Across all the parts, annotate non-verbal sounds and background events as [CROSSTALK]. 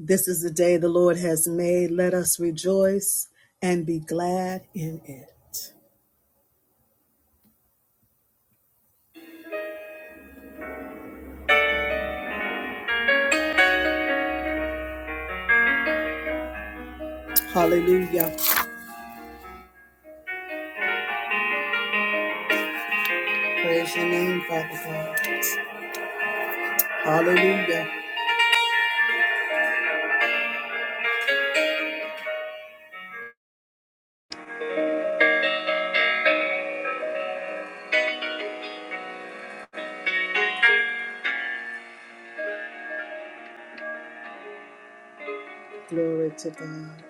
This is the day the Lord has made. Let us rejoice and be glad in it. Hallelujah. Praise your name, Father God. Hallelujah. Glory to God.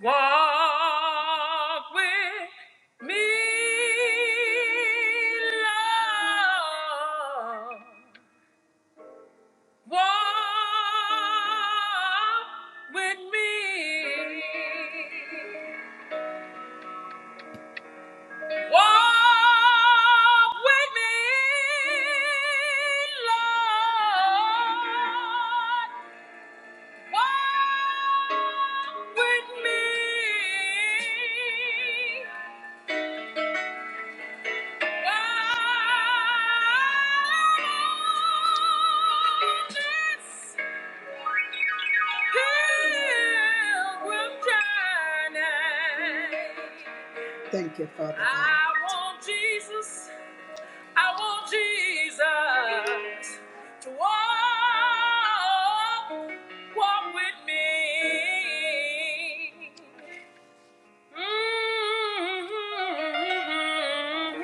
Walk with me, Lord. Walk with me. Walk with me, Lord. Walk with me. Thank you, Father. God. I want Jesus. I want Jesus to walk, walk with me. Mm.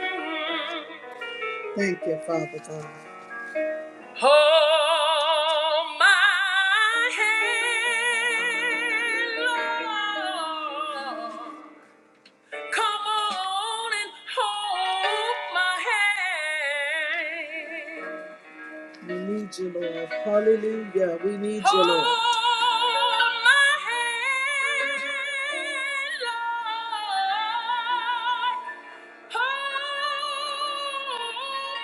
Thank you, Father God. Hold my hand, Lord. Come on and hold my hand. We need you, Lord. Hallelujah. We need you, Lord. Hold my hand, Lord. Hold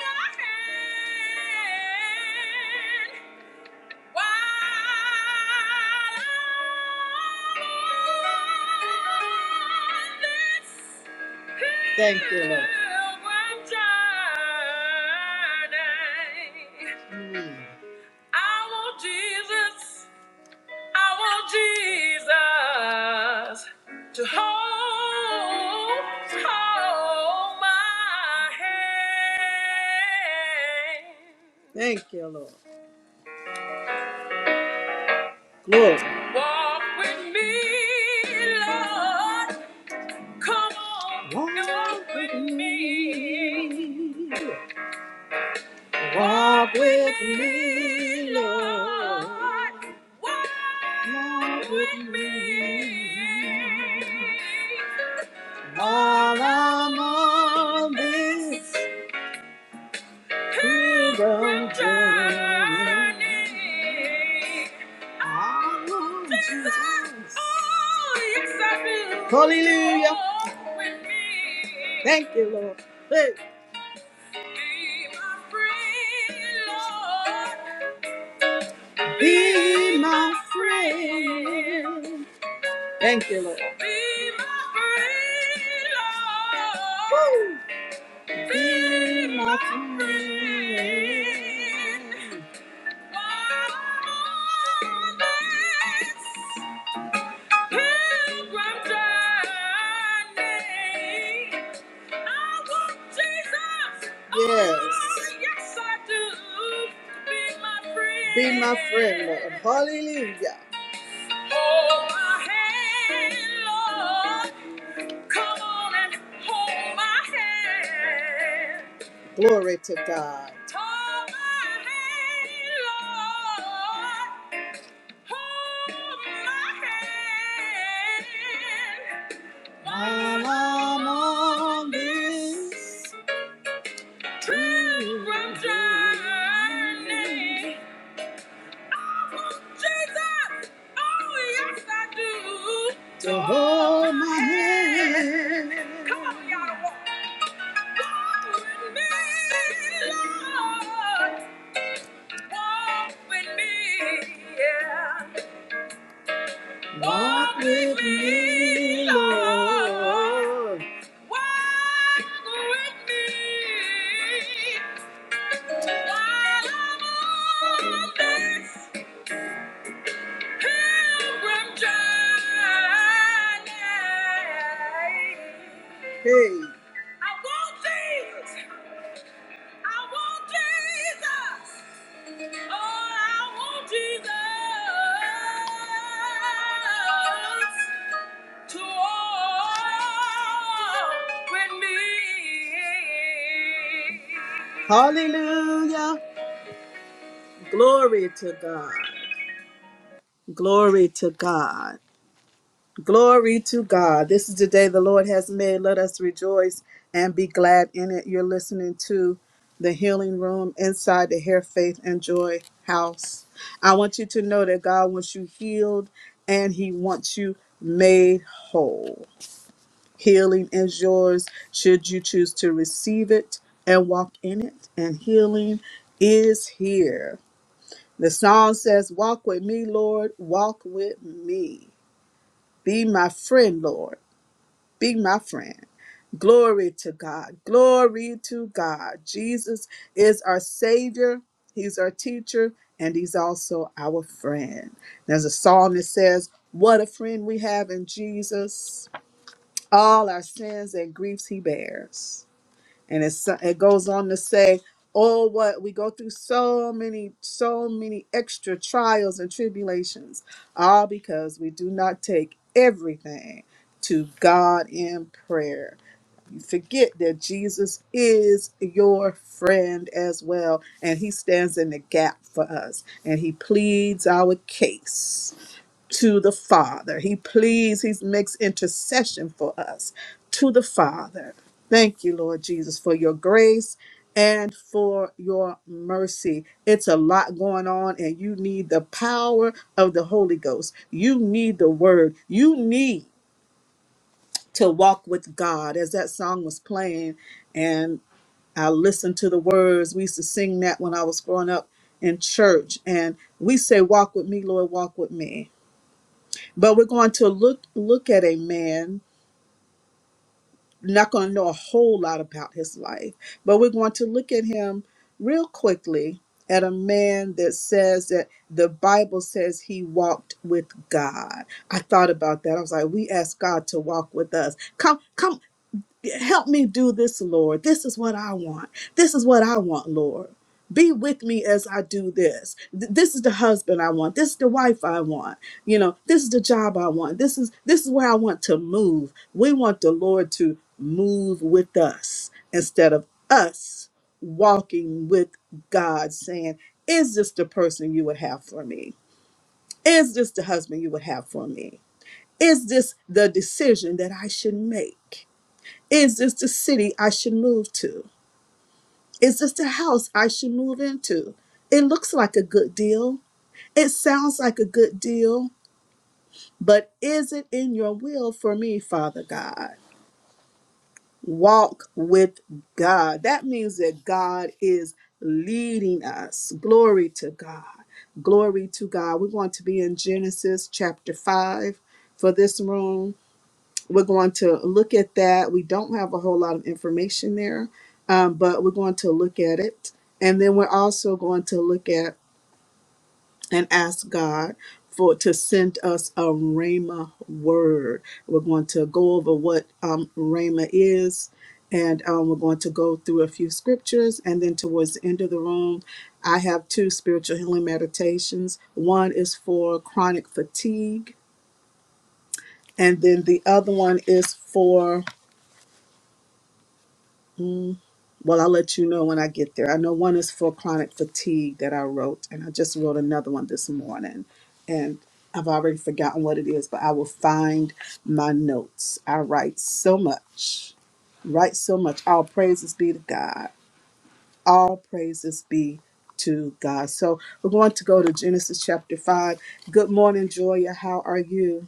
my hand. Thank you, Lord. pilgrim Mm. I want Jesus, I want Jesus to hold, hold my hand. Thank you, Lord. Lord. Walk with me, Lord. Come on, Walk walk with with me. me. Walk with me, Lord. Lord. Walk Walk with with me. me. While I'm on this. Freedom journey. I want Jesus. Oh, yes, I feel Hallelujah. Lord with me. Thank you, Lord. Hey. Be my friend, Lord. Be my friend. Thank you, Lord. Be my friend, Lord. Woo. Be my friend. Yes. yes, I do. Be my friend, Be my friend, Lord. Hallelujah. Hold my hand, Lord. Come on and hold my hand. Glory to God. Hold my hand, Lord. Hold my hand While I'm on this pilgrim journey, I want Jesus, oh yes I do, to hold my hand. Come on, y'all, to walk. Walk with me, Lord, walk with me, yeah. Walk with me, Lord. Walk with me while I'm on this pilgrim journey. Hey. I want Jesus. I want Jesus. Oh, I want Jesus. to walk with me. Hallelujah. Glory to God. Glory to God. Glory to God. This is the day the Lord has made. Let us rejoice and be glad in it. You're listening to the healing room inside the Hair Faith and Joy house. I want you to know that God wants you healed and He wants you made whole. Healing is yours should you choose to receive it and walk in it. And healing is here. The song says, Walk with me, Lord, walk with me. Be my friend, Lord, be my friend. Glory to God, glory to God. Jesus is our Savior, He's our teacher, and He's also our friend. There's a song that says, What a friend we have in Jesus all our sins and griefs he bears. And it's, it goes on to say, oh, what we go through so many, so many extra trials and tribulations, all because we do not take everything to God in prayer. You forget that Jesus is your friend as well, and he stands in the gap for us, and he pleads our case to the Father. He pleads, he makes intercession for us to the Father. Thank you, Lord Jesus, for your grace and for your mercy. It's a lot going on, and you need the power of the Holy Ghost. You need the word. You need to walk with God as that song was playing. And I listened to the words. We used to sing that when I was growing up in church. And we say, Walk with me, Lord, walk with me but we're going to look look at a man not going to know a whole lot about his life but we're going to look at him real quickly at a man that says that the bible says he walked with god i thought about that i was like we ask god to walk with us come come help me do this, Lord. This is what I want. This is what I want, Lord. Be with me as I do this. Th- This is the husband I want. This is the wife I want. You know, this is the job I want. This is this is where I want to move. We want the Lord to move with us instead of us walking with God saying, "Is this the person you would have for me? Is this the husband you would have for me? Is this the decision that I should make?" Is this the city I should move to? Is this the house I should move into? It looks like a good deal. It sounds like a good deal, but is it in your will for me, Father God? Walk with God. That means that God is leading us. Glory to God. Glory to God. We're going to be in Genesis chapter 5 for this room. we're going to look at that. We don't have a whole lot of information there, um, but we're going to look at it. And then we're also going to look at and ask God for to send us a Rhema word. We're going to go over what um, Rhema is, and um, we're going to go through a few scriptures. And then towards the end of the room, I have two spiritual healing meditations. One is for chronic fatigue, and then the other one is for. hmm, Well, I'll let you know when I get there. I know one is for chronic fatigue that I wrote, and I just wrote another one this morning. And I've already forgotten what it is, but I will find my notes. I write so much, write so much. All praises be to God. All praises be to God. So we're going to go to Genesis chapter 5. Good morning, Joya. How are you?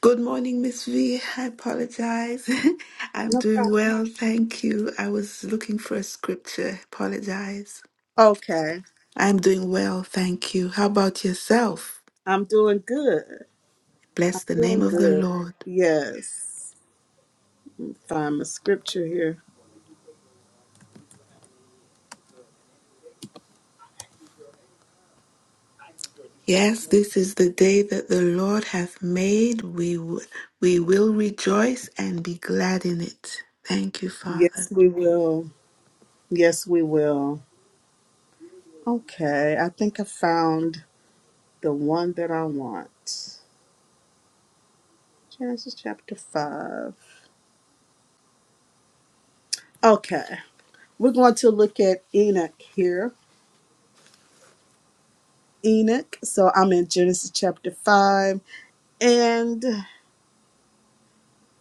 Good morning, Miss V. I apologize. [LAUGHS] I'm No doing problem. well, thank you. I was looking for a scripture. Apologize. Okay. I'm doing well, thank you. How about yourself? I'm doing good. I'm Bless the name doing of the good. Lord. Yes. find a scripture here. Yes, this is the day that the Lord hath made. We w- we will rejoice and be glad in it. Thank you, Yes, Father. we will. Yes, we will. Okay, I think I found the one that I want. Genesis chapter 5. Okay, we're going to look at Enoch here. Enoch, so I'm in Genesis chapter 5, and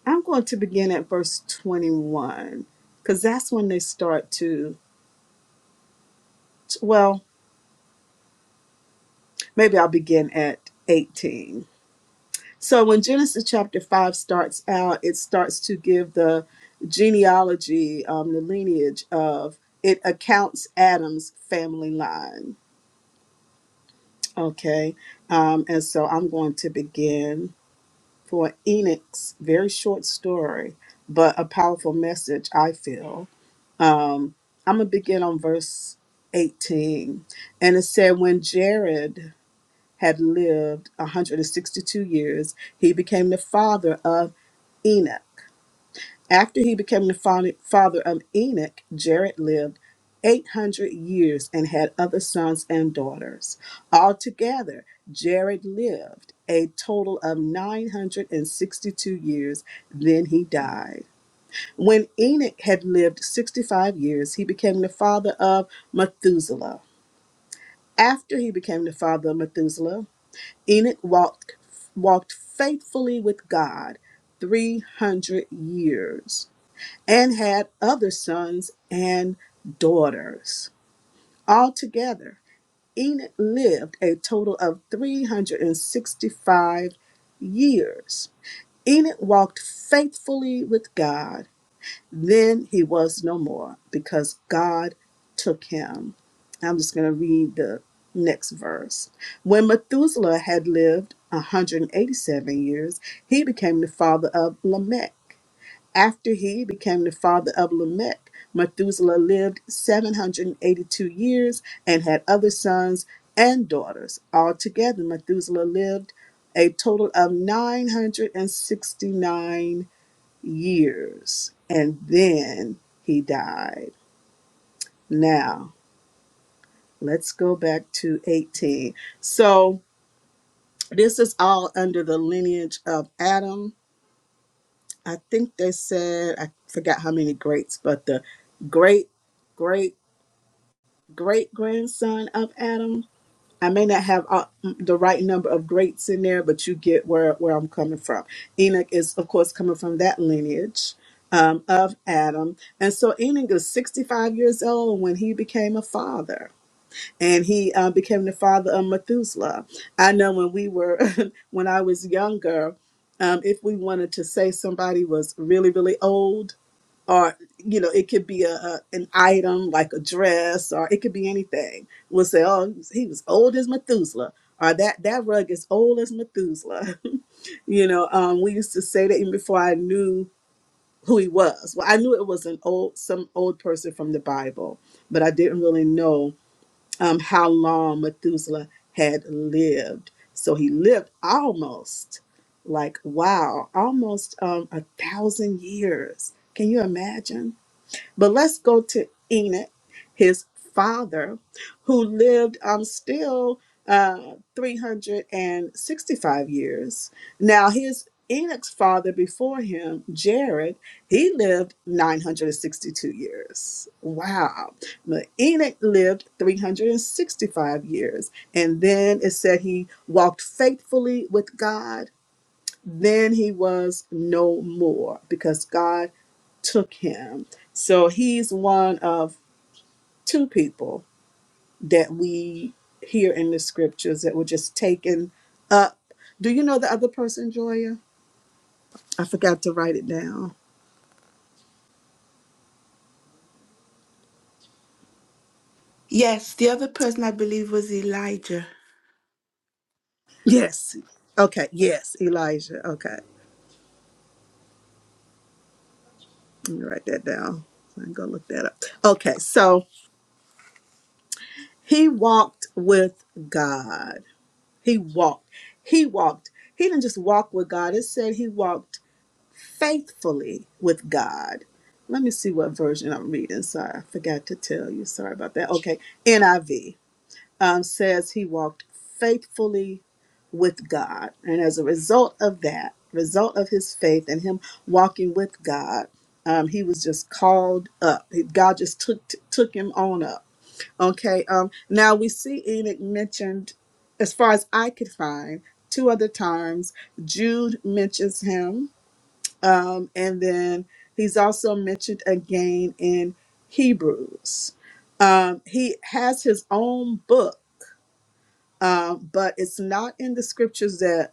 I'm going to begin at verse 21 because that's when they start to, well, maybe I'll begin at 18 So when Genesis chapter 5 starts out, it starts to give the genealogy, um, the lineage of, it accounts Adam's family line. Okay. Um, and so I'm going to begin for Enoch's very short story, but a powerful message, I feel. Um, I'm going to begin on verse 18. And it said, When Jared had lived 162 years, he became the father of Enoch. After he became the fa- father of Enoch, Jared lived 800 years and had other sons and daughters. Altogether, Jared lived a total of 962 years, then he died. When Enoch had lived 65 years, he became the father of Methuselah. After he became the father of Methuselah, Enoch walked, walked faithfully with God 300 years and had other sons and daughters. Altogether, Enoch lived a total of 365 years. Enoch walked faithfully with God then he was no more because God took him. I'm just going to read the next verse. When Methuselah had lived 187 years, he became the father of Lamech. After he became the father of Lamech, Methuselah lived 782 years and had other sons and daughters. Altogether, Methuselah lived a total of 969 years and then he died. Now, let's go back to 18. So, this is all under the lineage of Adam. I think they said, I forgot how many greats, but the great, great, great grandson of Adam I may not have uh, the right number of greats in there, but you get where, where I'm coming from. Enoch is, of course, coming from that lineage um, of Adam. And so Enoch is 65 years old when he became a father. And he uh, became the father of Methuselah. I know when we were, [LAUGHS] when I was younger, um, if we wanted to say somebody was really, really old, or you know it could be a, a an item like a dress or it could be anything we'll say oh he was he was old as methuselah or that that rug is old as methuselah [LAUGHS] you know um we used to say that even before i knew who he was well i knew it was an old some old person from the bible but i didn't really know um how long methuselah had lived so he lived almost like wow almost um a thousand years can you imagine but let's go to Enoch, his father, who lived um, still uh, 365 years. Now, his Enoch's father before him, Jared, he lived 962 years. Wow. But Enoch lived 365 years. And then it said he walked faithfully with God then he was no more because God took him. So he's one of two people that we hear in the scriptures that were just taken up. Do you know the other person, Joya? I forgot to write it down. Yes, the other person I believe was Elijah. Yes. Okay. Yes, Elijah. Okay. Let me write that down. I'm going to look that up. Okay. So he walked with God. He walked. He walked. He didn't just walk with God. It said he walked faithfully with God. Let me see what version I'm reading. Sorry, I forgot to tell you. Sorry about that. Okay, NIV um, says he walked faithfully with God, and as a result of that, result of his faith and him walking with God, um, he was just called up. He- God just took took him on up. Okay. Um, now we see Enoch mentioned, as far as I could find, two other times. Jude mentions him um, and then he's also mentioned again in Hebrews. Um, he has his own book, um, but it's not in the scriptures that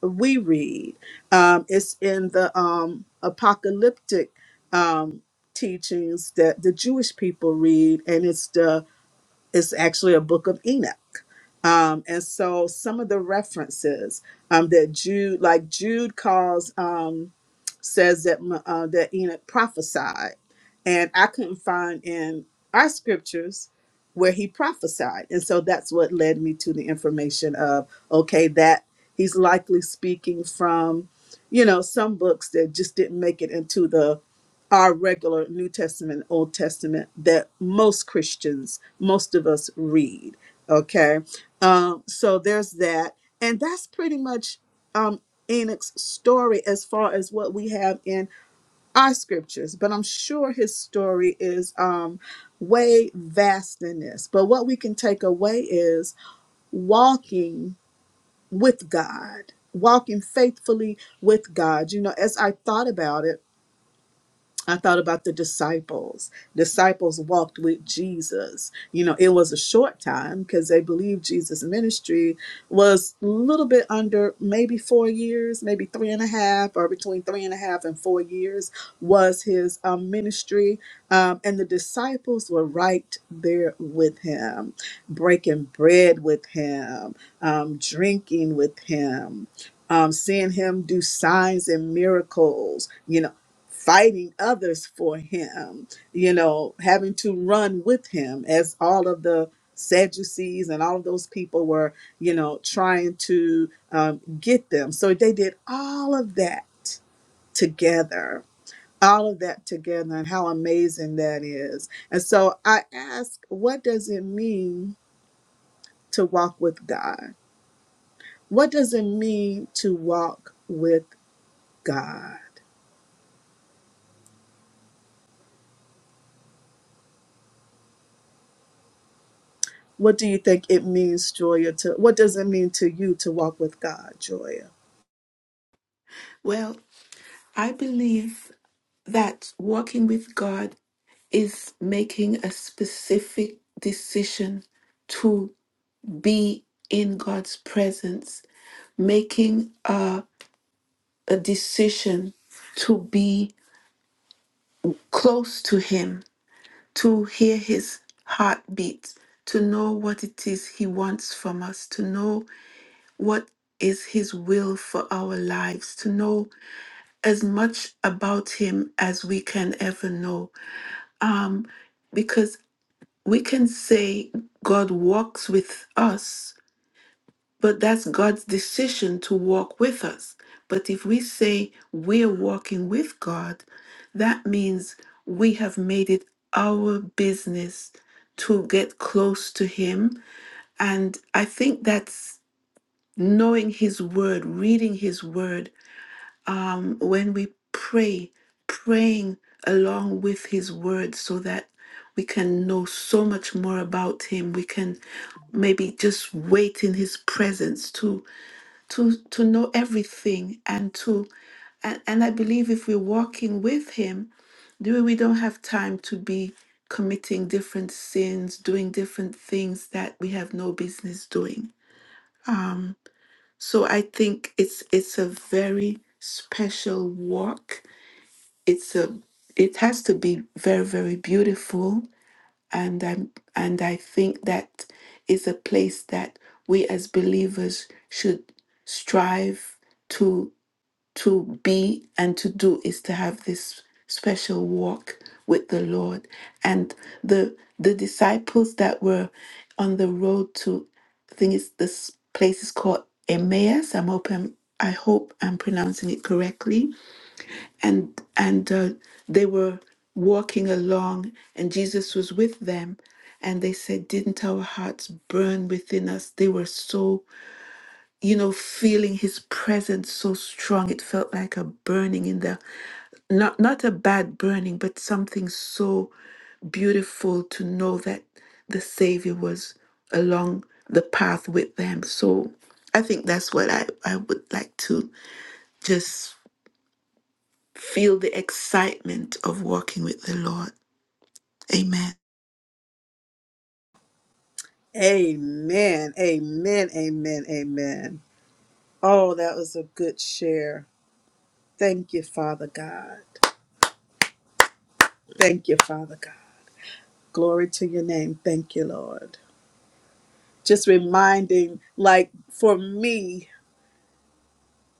we read. Um, it's in the um, apocalyptic um, teachings that the Jewish people read, and it's the it's actually a book of Enoch. Um, and so some of the references um, that Jude, like Jude calls. Um, says that uh, that Enoch prophesied, and I couldn't find in our scriptures where he prophesied, and so that's what led me to the information of okay that he's likely speaking from, you know, some books that just didn't make it into the our regular New Testament, Old Testament that most Christians, most of us read. Okay, um, so there's that, and that's pretty much um Enoch's story as far as what we have in our scriptures, but I'm sure his story is um way vast in this. But what we can take away is walking with God, walking faithfully with God. You know, as I thought about it, I thought about the disciples. Disciples walked with Jesus. You know, it was a short time because they believed Jesus' ministry was a little bit under maybe four years, maybe three and a half, or between three and a half and four years was his um, ministry. Um, and the disciples were right there with him, breaking bread with him, um, drinking with him. Um, seeing him do signs and miracles, you know fighting others for him, you know, having to run with him as all of the Sadducees and all of those people were, you know, trying to um, get them. So they did all of that together, all of that together, and how amazing that is. And so I ask, what does it mean to walk with God? What does it mean to walk with God? What do you think it means, Joya, to what does it mean to you to walk with God, Joya? Well, I believe that walking with God is making a specific decision to be in God's presence, making a, a decision to be close to Him, to hear His heartbeat, to know what it is He wants from us, to know what is His will for our lives, to know as much about Him as we can ever know. Um, because We can say God walks with us, but that's God's decision to walk with us. But if we say we're walking with God, that means we have made it our business to get close to Him. And I think that's knowing His Word, reading His Word, um, when we pray, praying along with His Word so that we can know so much more about Him. We can maybe just wait in His presence to to to know everything and to and, and I believe if we're walking with Him, do we don't have time to be committing different sins, doing different things that we have no business doing. So I think it's it's a very special walk it's a it has to be very very beautiful and i'm and i think that is a place that we as believers should strive to to be and to do is to have this special walk with the lord and the the disciples that were on the road to i think it's this place is called emmaus i'm open i hope i'm pronouncing it correctly and and uh, they were walking along and jesus was with them and they said didn't our hearts burn within us they were so you know feeling his presence so strong it felt like a burning in the not not a bad burning but something so beautiful to know that the savior was along the path with them so i think that's what i, I would like to just Feel the excitement of walking with the Lord. Amen. Amen. Amen. Amen. Amen. Oh, that was a good share. Thank you, Father God. Thank you, Father God. Glory to your name. Thank you, Lord. Just reminding, like for me,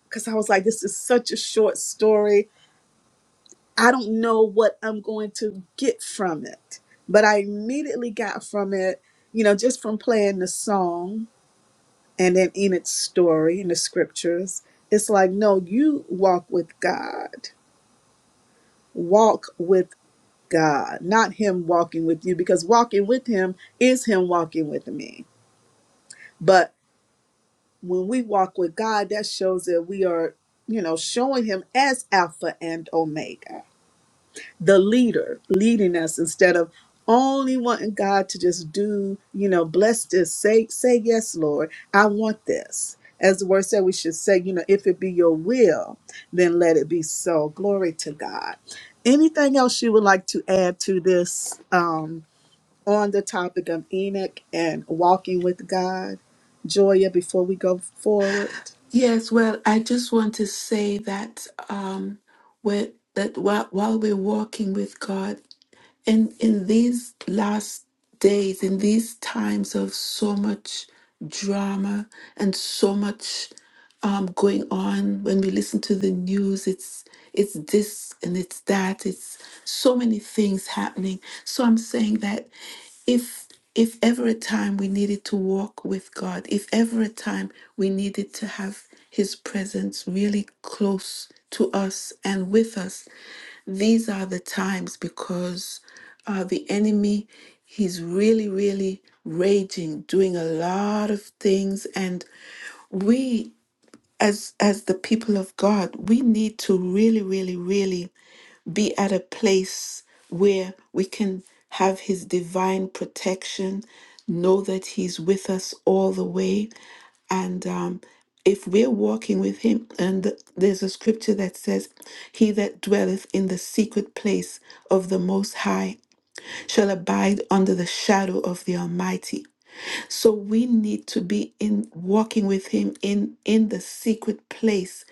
because I was like, this is such a short story. I don't know what I'm going to get from it. But I immediately got from it, you know, just from playing the song and in Enoch's story in the scriptures, it's like, no, you walk with God. Walk with God, not Him walking with you, because walking with Him is Him walking with me. But when we walk with God, that shows that we are, you know, showing Him as Alpha and Omega. the leader leading us instead of only wanting God to just do, you know, bless this, say, say yes, Lord, I want this. As the word said, we should say, you know, if it be your will, then let it be so. Glory to God. Anything else you would like to add to this um, on the topic of Enoch and walking with God? Joya, before we go forward. Yes, well, I just want to say that um, where, that while, while we're walking with God, And in these last days, in these times of so much drama and so much um, going on, when we listen to the news, it's it's this and it's that. It's so many things happening. So I'm saying that if if ever a time we needed to walk with God, if ever a time we needed to have His presence really close to us and with us, these are the times because uh, the enemy he's really really raging doing a lot of things and we as as the people of god we need to really really really be at a place where we can have his divine protection know that he's with us all the way and um, if we're walking with Him, and th- there's a scripture that says, He that dwelleth in the secret place of the Most High shall abide under the shadow of the Almighty. So we need to be in walking with Him in in the secret place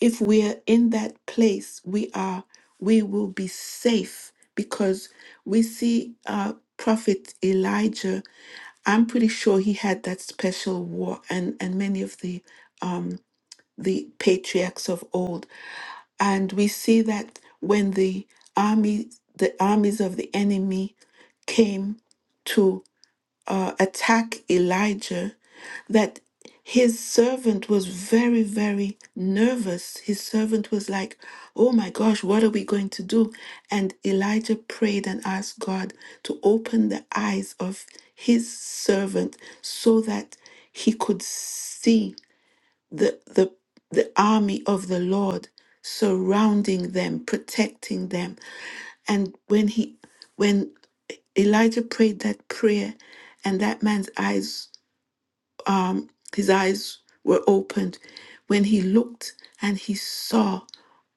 if we are in that place we are we will be safe because we see uh prophet elijah i'm pretty sure he had that special war and and many of the um the patriarchs of old and we see that when the army the armies of the enemy came uh, attack Elijah that his servant was very, very nervous. His servant was like, Oh my gosh, what are we going to do? And Elijah prayed and asked God to open the eyes of his servant so that he could see the, the, the army of the Lord surrounding them, protecting them. And when he, when Elijah prayed that prayer, and that man's eyes, um, his eyes were opened, when he looked and he saw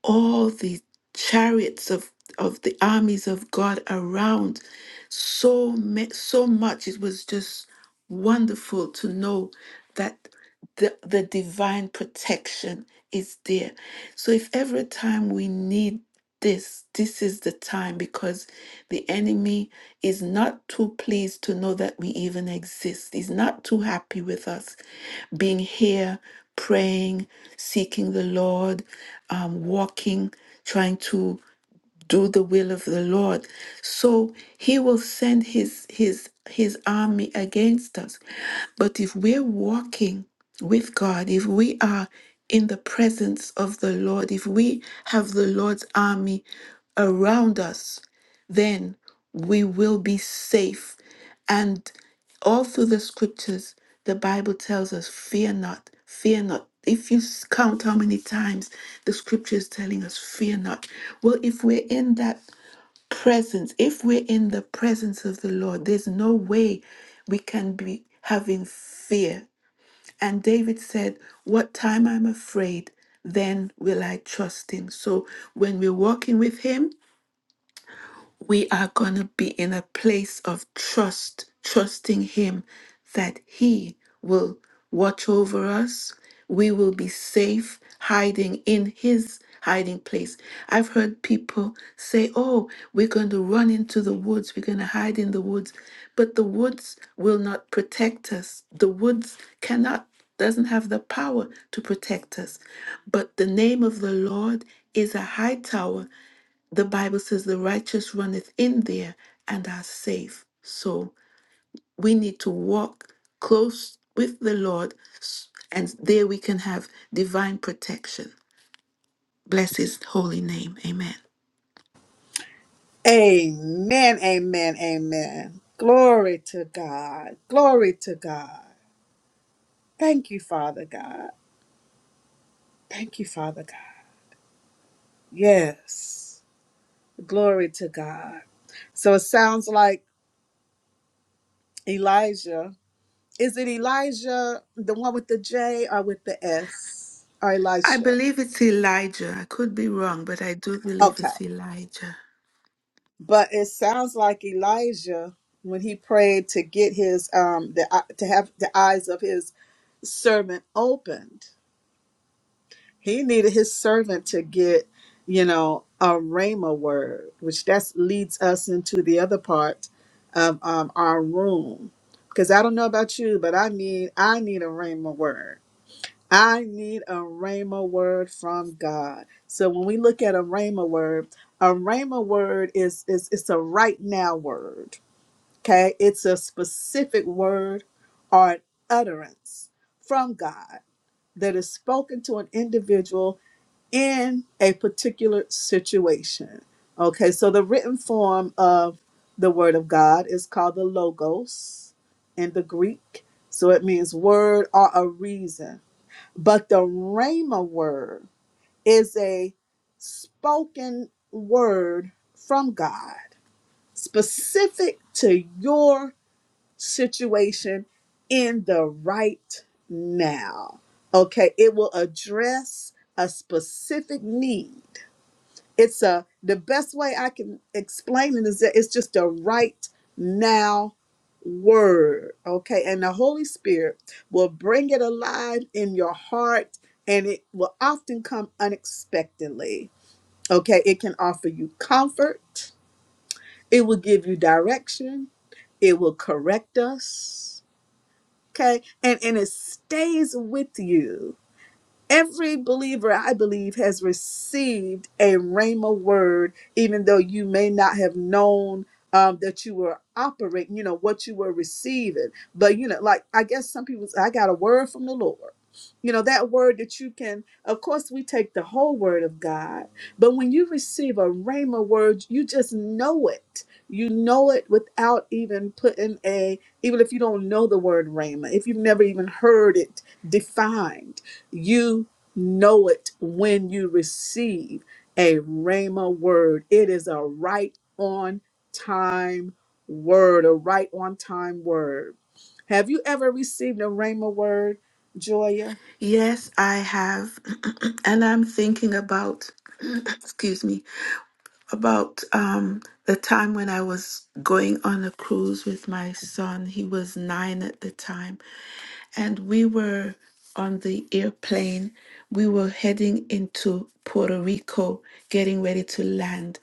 all the chariots of of the armies of God around, so ma- so much. It was just wonderful to know that the, the divine protection is there. So if every time we need this, this is the time because the enemy is not too pleased to know that we even exist. He's not too happy with us being here, praying, seeking the Lord, um, walking, trying to do the will of the Lord. So he will send his his his army against us. But if we're walking with God, if we are in the presence of the Lord, if we have the Lord's army around us, then we will be safe. And all through the scriptures, the Bible tells us, fear not, fear not. If you s- count how many times the scripture is telling us, fear not. Well, if we're in that presence, if we're in the presence of the Lord, there's no way we can be having fear. And David said, What time I'm afraid, then will I trust him. So when we're walking with him, we are going to be in a place of trust, trusting Him that He will watch over us. We will be safe hiding in His hiding place. I've heard people say, Oh, we're going to run into the woods, we're going to hide in the woods. But the woods will not protect us. The woods cannot, doesn't have the power to protect us. But the name of the Lord is a high tower the Bible says the righteous runneth in there and are safe. So we need to walk close with the Lord, and there we can have divine protection. Bless his holy name. Amen. Amen, amen, amen. Glory to God. Glory to God. Thank you, Father God. Thank you, Father God. Yes. Glory to God. So it sounds like Elijah. Is it Elijah, the one with the J or with the S? Or I Elisha? believe it's Elijah. I could be wrong, but I do believe Okay. it's Elijah. But it sounds like Elijah when he prayed to get his um the to have the eyes of his servant opened He needed his servant to get, you know, a rhema word, which that's leads us into the other part of um, our room. Because I don't know about you, but I need I need a rhema word. I need a rhema word from God. So when we look at a rhema word, a rhema word is is it's a right now word. Okay, it's a specific word or an utterance from God that is spoken to an individual in a particular situation. Okay, so the written form of the Word of God is called the Logos in the Greek. So it means word or a reason. But the Rhema word is a spoken word from God specific to your situation in the right now. Okay, it will address a specific need it's a the best way i can explain it is that it's just a right now word okay and the holy spirit will bring it alive in your heart and it will often come unexpectedly okay it can offer you comfort it will give you direction it will correct us okay and and it stays with you Every believer, I believe, has received a Rhema word, even though you may not have known um, that you were operating, you know, what you were receiving. But, you know, like I guess some people, say, I got a word from the Lord. You know, that word that you can, of course, we take the whole word of God, but when you receive a Rhema word, you just know it. You know it without even putting a, even if you don't know the word Rhema, if you've never even heard it defined you know it when you receive a Rhema word. It is a right on time word, a right on time word. Have you ever received a Rhema word, Joya? Yes, I have. [CLEARS THROAT] and I'm thinking about, [CLEARS THROAT] excuse me, about um, the time when I was going on a cruise with my son. He was nine at the time, and we were on the airplane. We were heading into Puerto Rico, getting ready to land,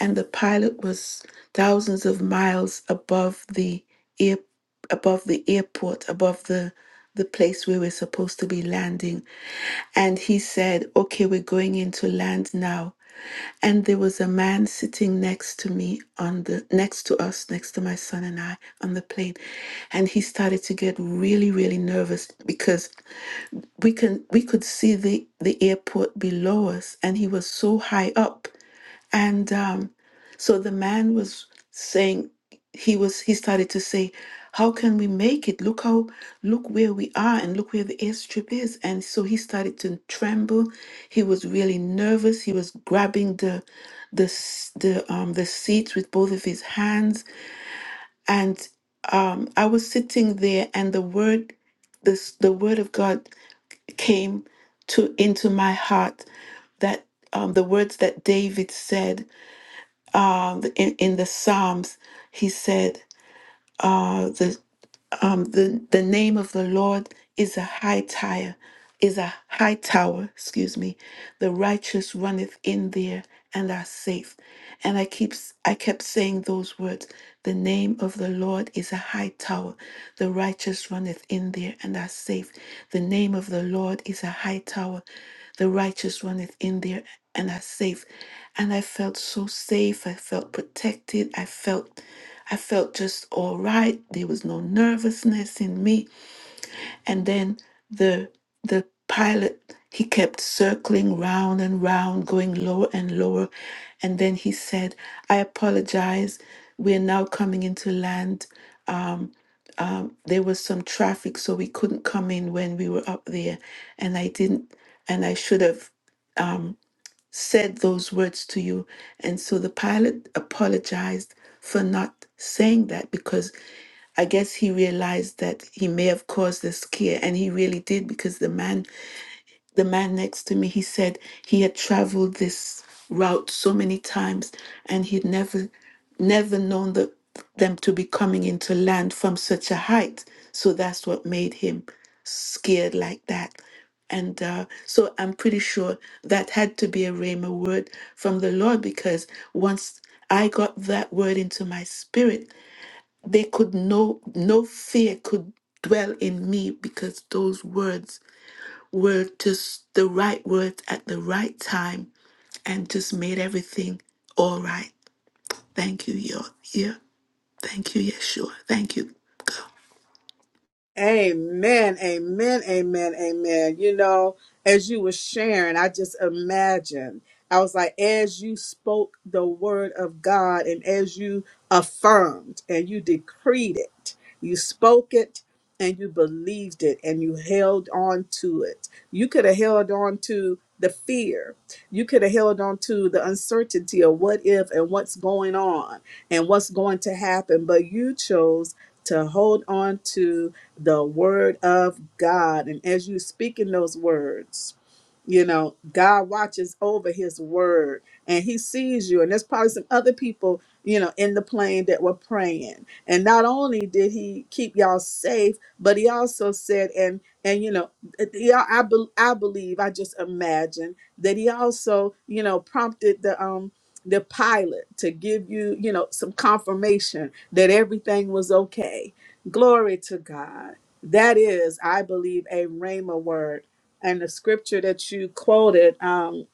and the pilot was thousands of miles above the air, above the airport, above the the place where we're supposed to be landing. And he said, "Okay, we're going into land now." and there was a man sitting next to me on the next to us next to my son and i on the plane and he started to get really really nervous because we can we could see the the airport below us and he was so high up and um, so the man was saying, he was he started to say, "How can we make it? Look how look where we are, and look where the airstrip is." And so he started to tremble. He was really nervous. He was grabbing the the s- the um the seats with both of his hands. And um, I was sitting there, and the word this the word of God came to into my heart that um, the words that David said um, in, in the Psalms, he said, uh, the um, the, the name of the Lord is a high tower, is a high tower, excuse me. The righteous runneth in there and are safe. And I keep I kept saying those words. The name of the Lord is a high tower. The righteous runneth in there and are safe. The name of the Lord is a high tower. The righteous runneth in there and are safe. And I felt so safe. I felt protected. I felt I felt just all right. There was no nervousness in me. And then the the pilot he kept circling round and round, going lower and lower. And then he said, I apologize. We're now coming into land. Um, um, there was some traffic, so we couldn't come in when we were up there. And I didn't, and I should have said those words to you. And so the pilot apologized for not saying that because I guess he realized that he may have caused a scare, and he really did because the man the man next to me he said he had traveled this route so many times and he'd never never known the, them to be coming into land from such a height so that's what made him scared like that and uh, so i'm pretty sure that had to be a rhema word from the lord because once i got that word into my spirit they could no no fear could dwell in me because those words were just the right words at the right time and just made everything all right. Thank you, Yo- yeah. Thank you, Yeshua. Thank you. Amen, amen, amen, amen. You know, as you were sharing, I just imagined. I was like, as you spoke the word of God and as you affirmed and you decreed it, you spoke it and you believed it and you held on to it. You could have held on to the fear. You could have held on to the uncertainty of what if and what's going on and what's going to happen, but you chose to hold on to the word of God. And as you speak in those words, you know, God watches over his word and he sees you. And there's probably some other people, you know, in the plane that were praying. And not only did he keep y'all safe, but he also said, and, and, you know, yeah, I, be, I believe, I just imagine that he also, you know, prompted the, um, the pilot to give you, you know, some confirmation that everything was okay Glory to God. That is, I believe, a Rhema word. And the scripture that you quoted, um,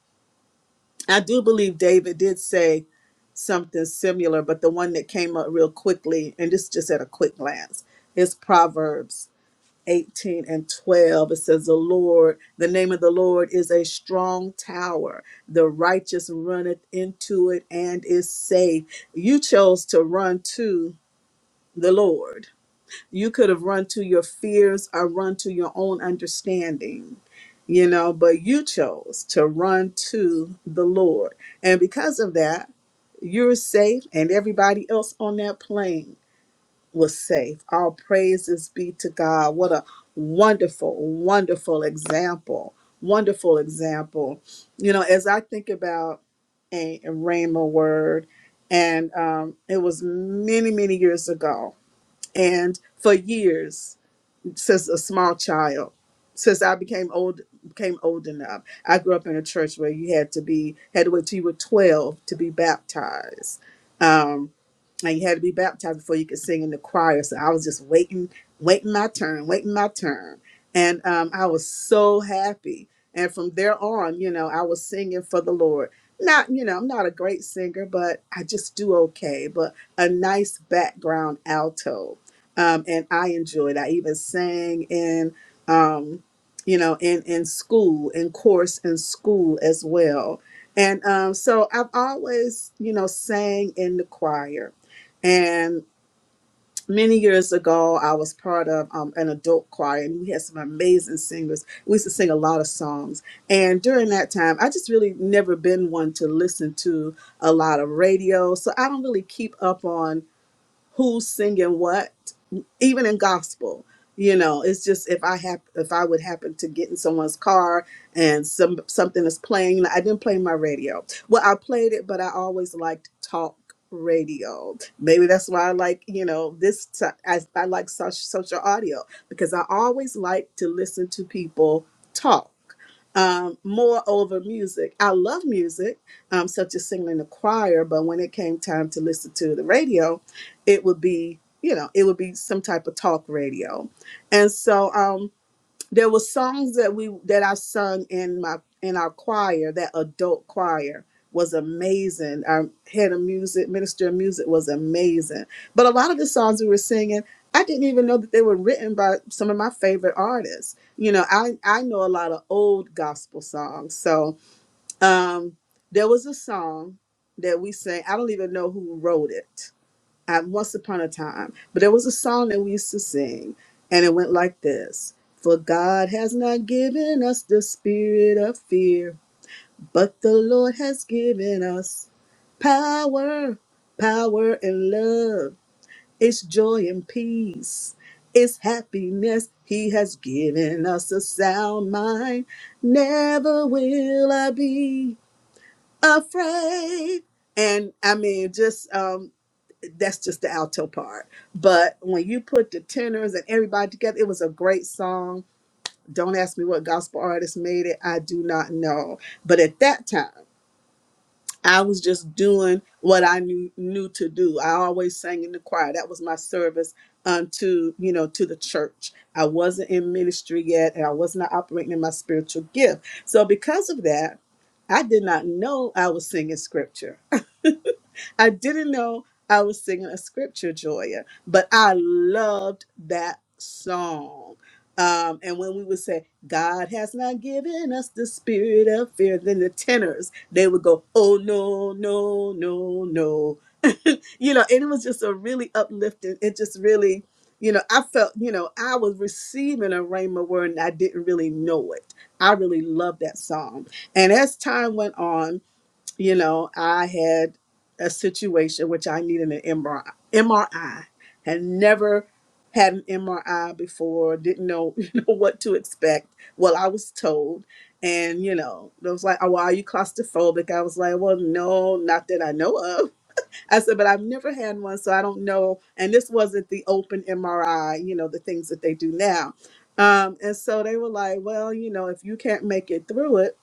I do believe David did say something similar, but the one that came up real quickly, and this just at a quick glance, is Proverbs 18 and 12. It says, The Lord, the name of the Lord is a strong tower. The righteous runneth into it and is safe. You chose to run to the Lord you could have run to your fears or run to your own understanding you know but you chose to run to the lord and because of that you're safe and everybody else on that plane was safe all praises be to god what a wonderful wonderful example wonderful example you know as i think about a, a rhema word and um, it was many many years ago and for years since a small child since i became old became old enough i grew up in a church where you had to be had to wait till you were 12 to be baptized Um, and you had to be baptized before you could sing in the choir. So I was just waiting, waiting my turn, waiting my turn, and um, I was so happy. And from there on, you know, I was singing for the Lord. Not, you know, I'm not a great singer, but I just do okay. But a nice background alto, um, and I enjoyed. I even sang in, um, you know, in in school, in chorus in school as well. And um, so I've always, you know, sang in the choir and many years ago, I was part of um, an adult choir, and we had some amazing singers. We used to sing a lot of songs. And during that time, I just really never been one to listen to a lot of radio, so I don't really keep up on who's singing what even in gospel you know it's just if i have if i would happen to get in someone's car and some something is playing i didn't play my radio well i played it but i always liked talk radio maybe that's why i like you know this t- I, I like such social audio because i always like to listen to people talk um, more over music i love music um, such as singing in the choir but when it came time to listen to the radio it would be you know it would be some type of talk radio and so um there were songs that we that i sung in my in our choir that adult choir was amazing our head of music minister of music was amazing but a lot of the songs we were singing i didn't even know that they were written by some of my favorite artists you know i i know a lot of old gospel songs so um there was a song that we sang i don't even know who wrote it at Once Upon a Time. But there was a song that we used to sing, and it went like this For God has not given us the spirit of fear, but the Lord has given us power, power and love. It's joy and peace, it's happiness. He has given us a sound mind. Never will I be afraid. And I mean, just um, that's just the alto part. But when you put the tenors and everybody together, it was a great song. Don't ask me what gospel artist made it. I do not know. But at that time, I was just doing what I knew knew to do. I always sang in the choir. That was my service unto, you know, to the church. I wasn't in ministry yet and I was not operating in my spiritual gift. So because of that, I did not know I was singing scripture. I didn't know I was singing a scripture, Joya, but I loved that song. Um, and when we would say, God has not given us the spirit of fear, then the tenors, they would go, oh, no, no, no, no. You know, and it was just a really uplifting, it just really, you know, I felt, you know, I was receiving a rhema word and I didn't really know it. I really loved that song. And as time went on, you know, I had a situation which I needed an MRI. MRI had never had an MRI before. Didn't know, [LAUGHS] you know what to expect. Well, I was told, and you know, it was like, "Oh, well, are you claustrophobic?" I was like, "Well, no, not that I know of." [LAUGHS] I said, "But I've never had one, so I don't know." And this wasn't the open MRI, you know, the things that they do now. Um, and so they were like, "Well, you know, if you can't make it through it."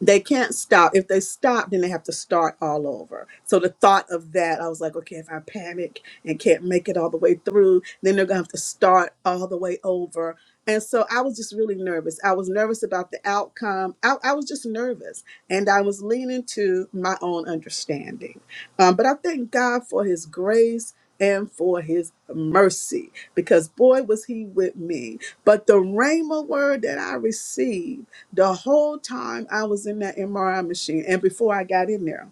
they can't stop. If they stop, then they have to start all over. So the thought of that, I was like, okay, if I panic and can't make it all the way through, then they're gonna have to start all the way over. And so I was just really nervous. I was nervous about the outcome. I, I was just nervous, and I was leaning to my own understanding. Um, but I thank God for His grace and for His mercy, because boy was He with me. But the Rhema word that I received the whole time I was in that MRI machine and before I got in there,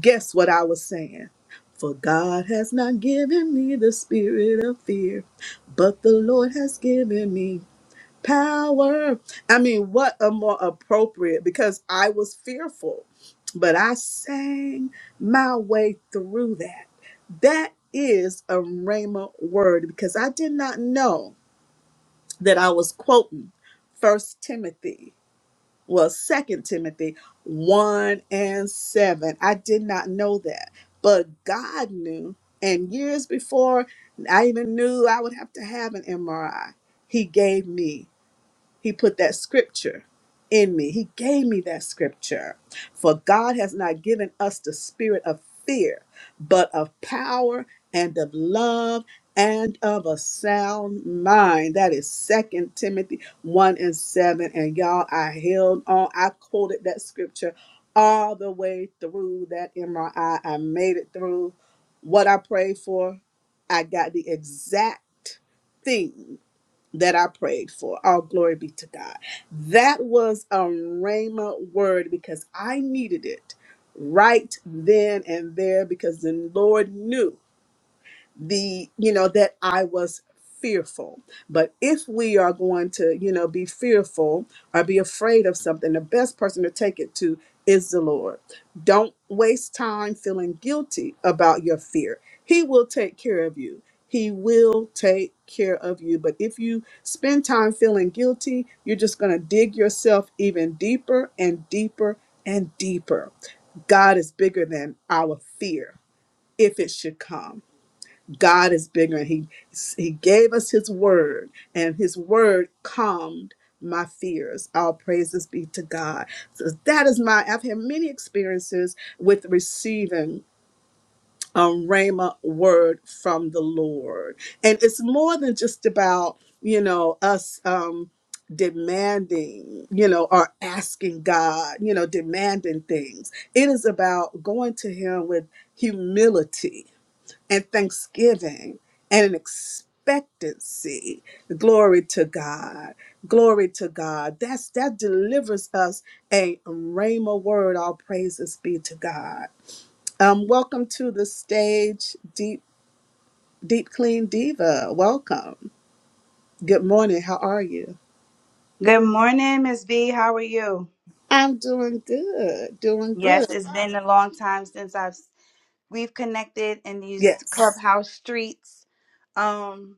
guess what I was saying? For God has not given me the spirit of fear, but the Lord has given me power. I mean, what a more appropriate because I was fearful, but I sang my way through that. That is a Rhema word because I did not know that I was quoting First Timothy well, Second Timothy 1 and 7. I did not know that, but God knew. And years before I even knew I would have to have an MRI, He gave me he put that scripture in me. He gave me that scripture. For God has not given us the spirit of fear, but of power and of love and of a sound mind. That is is Second Timothy 1 and 7. And y'all, I held on. I quoted that scripture all the way through that MRI. I I made it through what I prayed for. I got the exact thing that I prayed for. All glory be to God. That was a Rhema word because I needed it right then and there because the Lord knew the you know that i was fearful but if we are going to you know be fearful or be afraid of something the best person to take it to is the lord don't waste time feeling guilty about your fear he will take care of you he will take care of you but if you spend time feeling guilty you're just going to dig yourself even deeper and deeper and deeper god is bigger than our fear if it should come God is bigger. and He He gave us His word, and His word calmed my fears. All praises be to God. So that is my. I've had many experiences with receiving a rhema word from the Lord, and it's more than just about you know us. Um, demanding you know or asking god you know demanding things it is about going to him with humility and thanksgiving and an expectancy. Glory to God. Glory to God. That's that delivers us a rhema word. All praises be to God. Um, welcome to the stage, Deep Deep Clean Diva. Welcome. Good morning. How are you? Good morning, Miss B. How are you? I'm doing good. Doing good. Yes, it's been a long time since I've we've connected in these Yes. clubhouse streets. Um,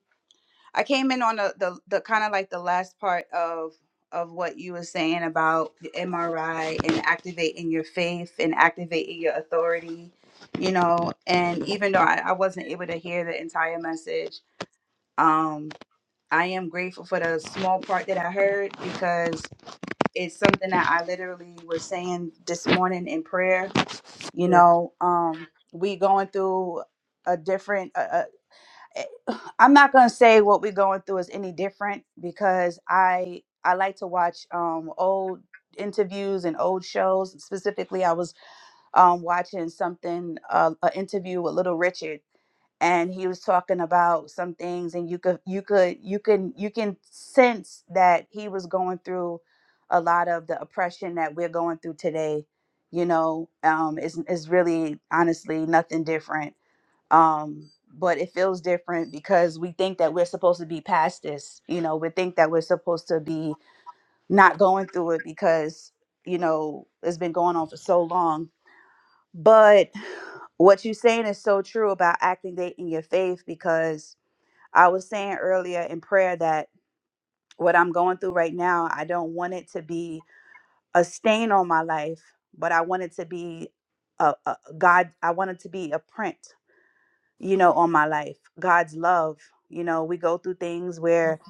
I came in on the the, the kind of like the last part of of what you were saying about the MRI and activating your faith and activating your authority, you know. And even though I, I wasn't able to hear the entire message, um, I am grateful for the small part that I heard because is something that I literally was saying this morning in prayer. You Yes. know, um, we going through a different. Uh, uh, eh, [SIGHS] I'm not gonna say what we going through is any different because I I like to watch um, old interviews and old shows. Specifically, I was um, watching something uh, an interview with Little Richard and he was talking about some things and you could you could you can you can sense that he was going through a lot of the oppression that we're going through today you know um it's, it's really honestly nothing different um but it feels different because we think that we're supposed to be past this you know we think that we're supposed to be not going through it because you know it's been going on for so long but what you're saying is so true about acting date in your faith because I was saying earlier in prayer that what I'm going through right now, I don't want it to be a stain on my life, but I want it to be a, a a God, I want it to be a print, you know, on my life. God's love. You know, we go through things where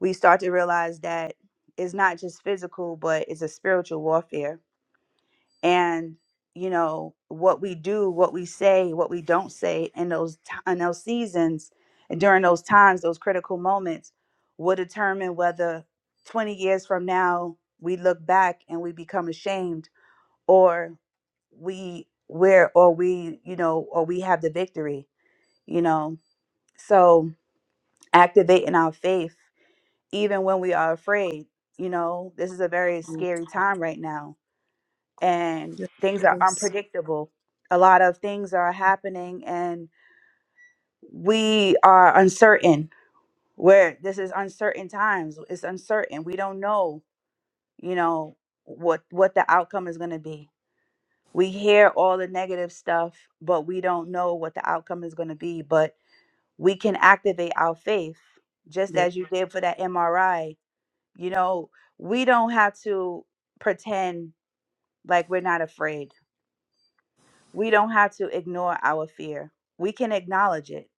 we start to realize that it's not just physical, but it's a spiritual warfare and you know what we do what we say what we don't say in those t- in those seasons and during those times those critical moments will determine whether 20 years from now we look back and we become ashamed or we where or we you know or we have the victory you know so activating our faith even when we are afraid you know this is a very scary time right now and things are Yes. unpredictable. A lot of things are happening and we are uncertain. Where this is uncertain times, it's uncertain. We don't know, you know, what what the outcome is going to be. We hear all the negative stuff, but we don't know what the outcome is going to be, but we can activate our faith just Yes. as you did for that MRI. You know, we don't have to pretend like we're not afraid We don't have to ignore our fear. We can acknowledge it,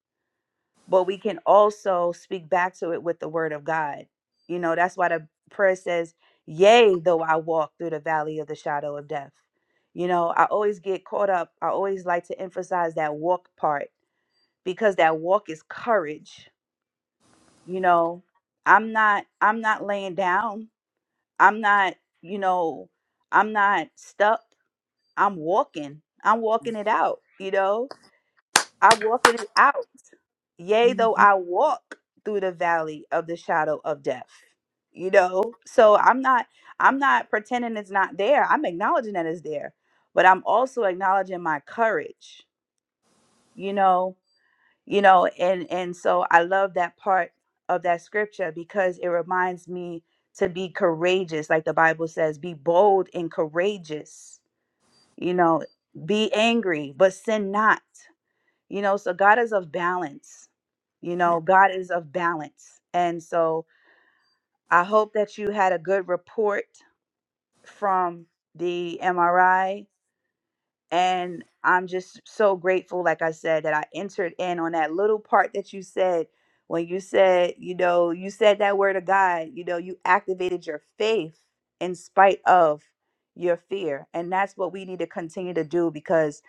but we can also speak back to it with the word of God. You know, that's why the prayer says, Yea, though I walk through the valley of the shadow of death. You know, I always get caught up. I always like to emphasize that walk part because that walk is courage. You know, I'm not I'm not laying down. I'm not, you know, I'm not stuck. I'm walking. I'm walking it out, you know? I walk in and out. Yea, though hmm I walk through the valley of the shadow of death. You know, so I'm not I'm not pretending it's not there. I'm acknowledging that it's there, but I'm also acknowledging my courage. You know, you know, and and so I love that part of that scripture because it reminds me to be courageous, like the Bible says, be bold and courageous. You know, be angry, but sin not. You know, so God is of balance. You know, God is of balance. And so I hope that you had a good report from the MRI. And I'm just so grateful, like I said, that I entered in on that little part that you said when you said, you know, you said that word of God, you know, you activated your faith in spite of your fear. And that's what we need to continue to do because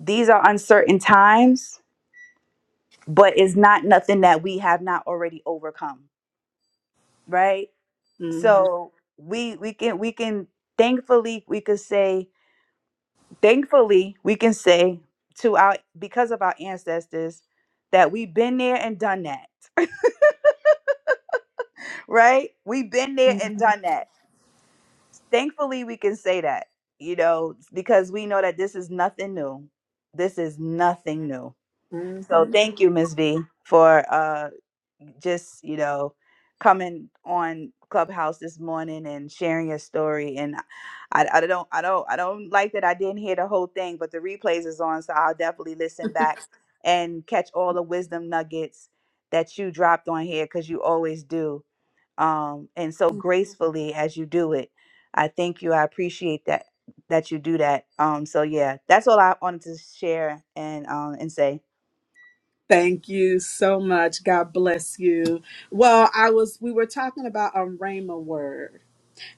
these are uncertain times but it's not nothing that we have not already overcome right so we we can we can thankfully we could say thankfully we can say to our because of our ancestors that we've been there and done that [LAUGHS] right we've been there and done that thankfully we can say that you know because we know that this is nothing new this is nothing new so hmm thank you Miss v for uh. just you know coming on clubhouse this morning and sharing your story and I, I don't i don't i don't like that i didn't hear the whole thing but the replays is on so i'll definitely listen back and catch all the wisdom nuggets that you dropped on here because you always do um and so gracefully as you do it i thank you i appreciate that that you do that um so yeah that's all i wanted to share and um and say Thank you so much. God bless you. Well, I was we were talking about a Rhema word,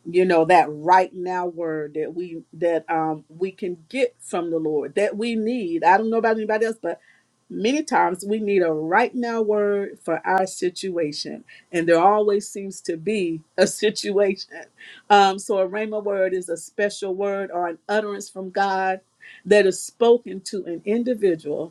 you know, that right now word that we that um we can get from the Lord that we need. I don't know about anybody else, but many times we need a right now word for our situation. And there always seems to be a situation. Um, so a Rhema word is a special word or an utterance from God that is spoken to an individual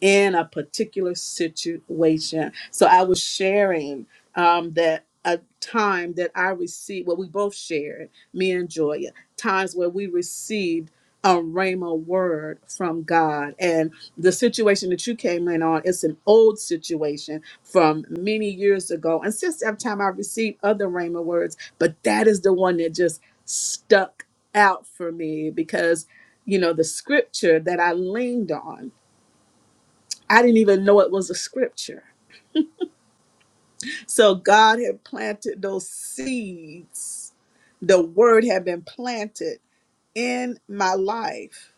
in a particular situation. So I was sharing um, that a time that I received, well, we both shared, me and Joya, times where we received a rhema word from God. And the situation that you came in on, it's an old situation from many years ago. And since that time, I received other rhema words, but that is the one that just stuck out for me because, you know, the scripture that I leaned on I didn't even know it was a scripture. So God had planted those seeds. The word had been planted in my life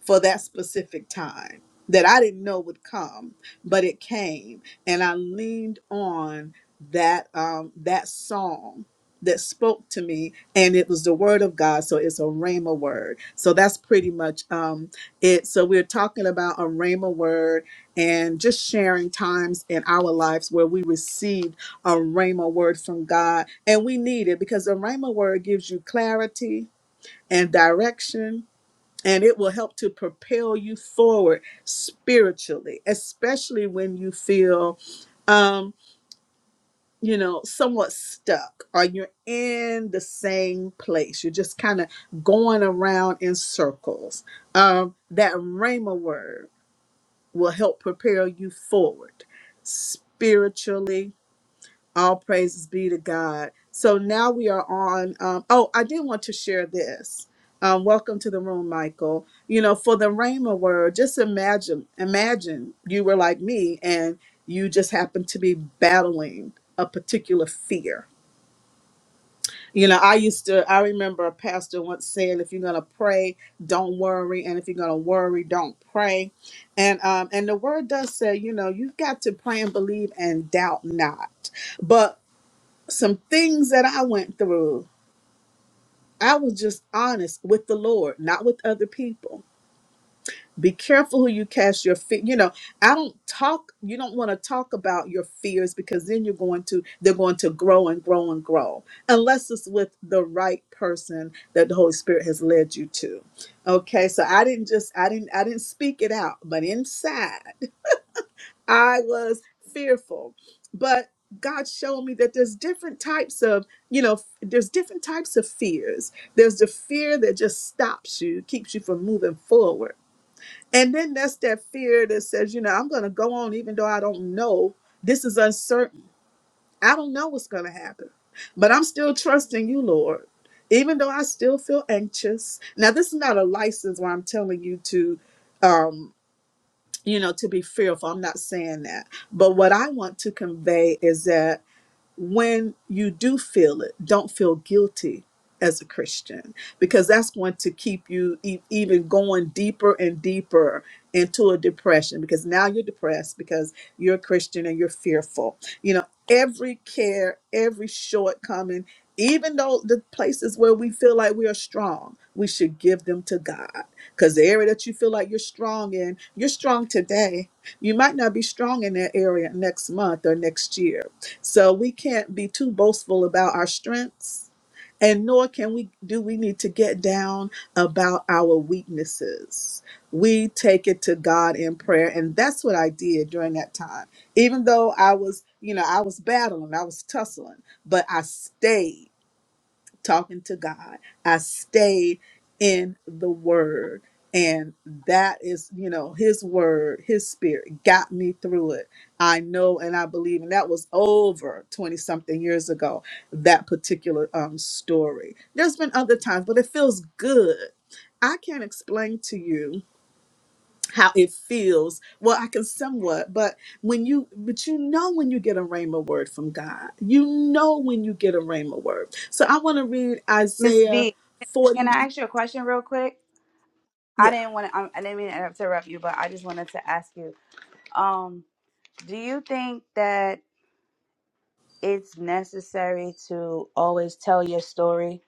for that specific time that I didn't know would come, but it came, and I leaned on that um, that song that spoke to me, and it was the word of God. So it's a rhema word. So that's pretty much um, it. So we're talking about a rhema word and just sharing times in our lives where we received a rhema word from God, and we need it because a rhema word gives you clarity and direction and it will help to propel you forward spiritually especially when you feel um you know somewhat stuck or you're in the same place you're just kind of going around in circles um that rhema word will help propel you forward spiritually all praises be to God. So now we are on. Um, oh, I did want to share this. Um, welcome to the room, Michael. You know, for the Rhema word, just imagine, imagine you were like me and you just happened to be battling a particular fear. You know, I used to, I remember a pastor once said, if you're going to pray, don't worry. And if you're going to worry, don't pray. And, um, and the word does say, you know, you've got to pray and believe and doubt not. But some things that I went through, I was just honest with the Lord, not with other people. Be careful who you cast your fear. You know, I don't talk, you don't want to talk about your fears because then you're going to, they're going to grow and grow and grow, unless it's with the right person that the Holy Spirit has led you to. Okay. So I didn't just, I didn't, I didn't speak it out, but inside. I was fearful. But God showed me that there's different types of, you know, f- there's different types of fears. There's the fear that just stops you, keeps you from moving forward. And then that's that fear that says, you know, I'm going to go on even though I don't know. This is uncertain. I don't know what's going to happen, but I'm still trusting you, Lord. Even though I still feel anxious. Now, this is not a license where I'm telling you to Um, you know, to be fearful. I'm not saying that. But what I want to convey is that when you do feel it, don't feel guilty as a Christian because that's going to keep you e- even going deeper and deeper into a depression because now you're depressed because you're a Christian and you're fearful. You know, every care, every shortcoming, even though the places where we feel like we are strong, we should give them to God because the area that you feel like you're strong in, you're strong today. You might not be strong in that area next month or next year so we can't be too boastful about our strengths, and nor can we do we need to get down about our weaknesses. We take it to God in prayer, and that's what I did during that time. Even though I was, you know, I was battling, I was tussling, but I stayed talking to God. I stayed in the word. And that is, you know, his word, his spirit got me through it. I know and I believe. And that was over 20 something years ago, that particular um, story. There's been other times, but it feels good. I can't explain to you how it feels. Well, I can somewhat, but when you but you know when you get a rhema word from God. You know when you get a rhema word. So I want to read miss Isaiah b 40. can i ask you a question real quick I Yeah. didn't want to. I didn't mean to interrupt you, but I just wanted to ask you. Um, do you think that it's necessary to always tell your story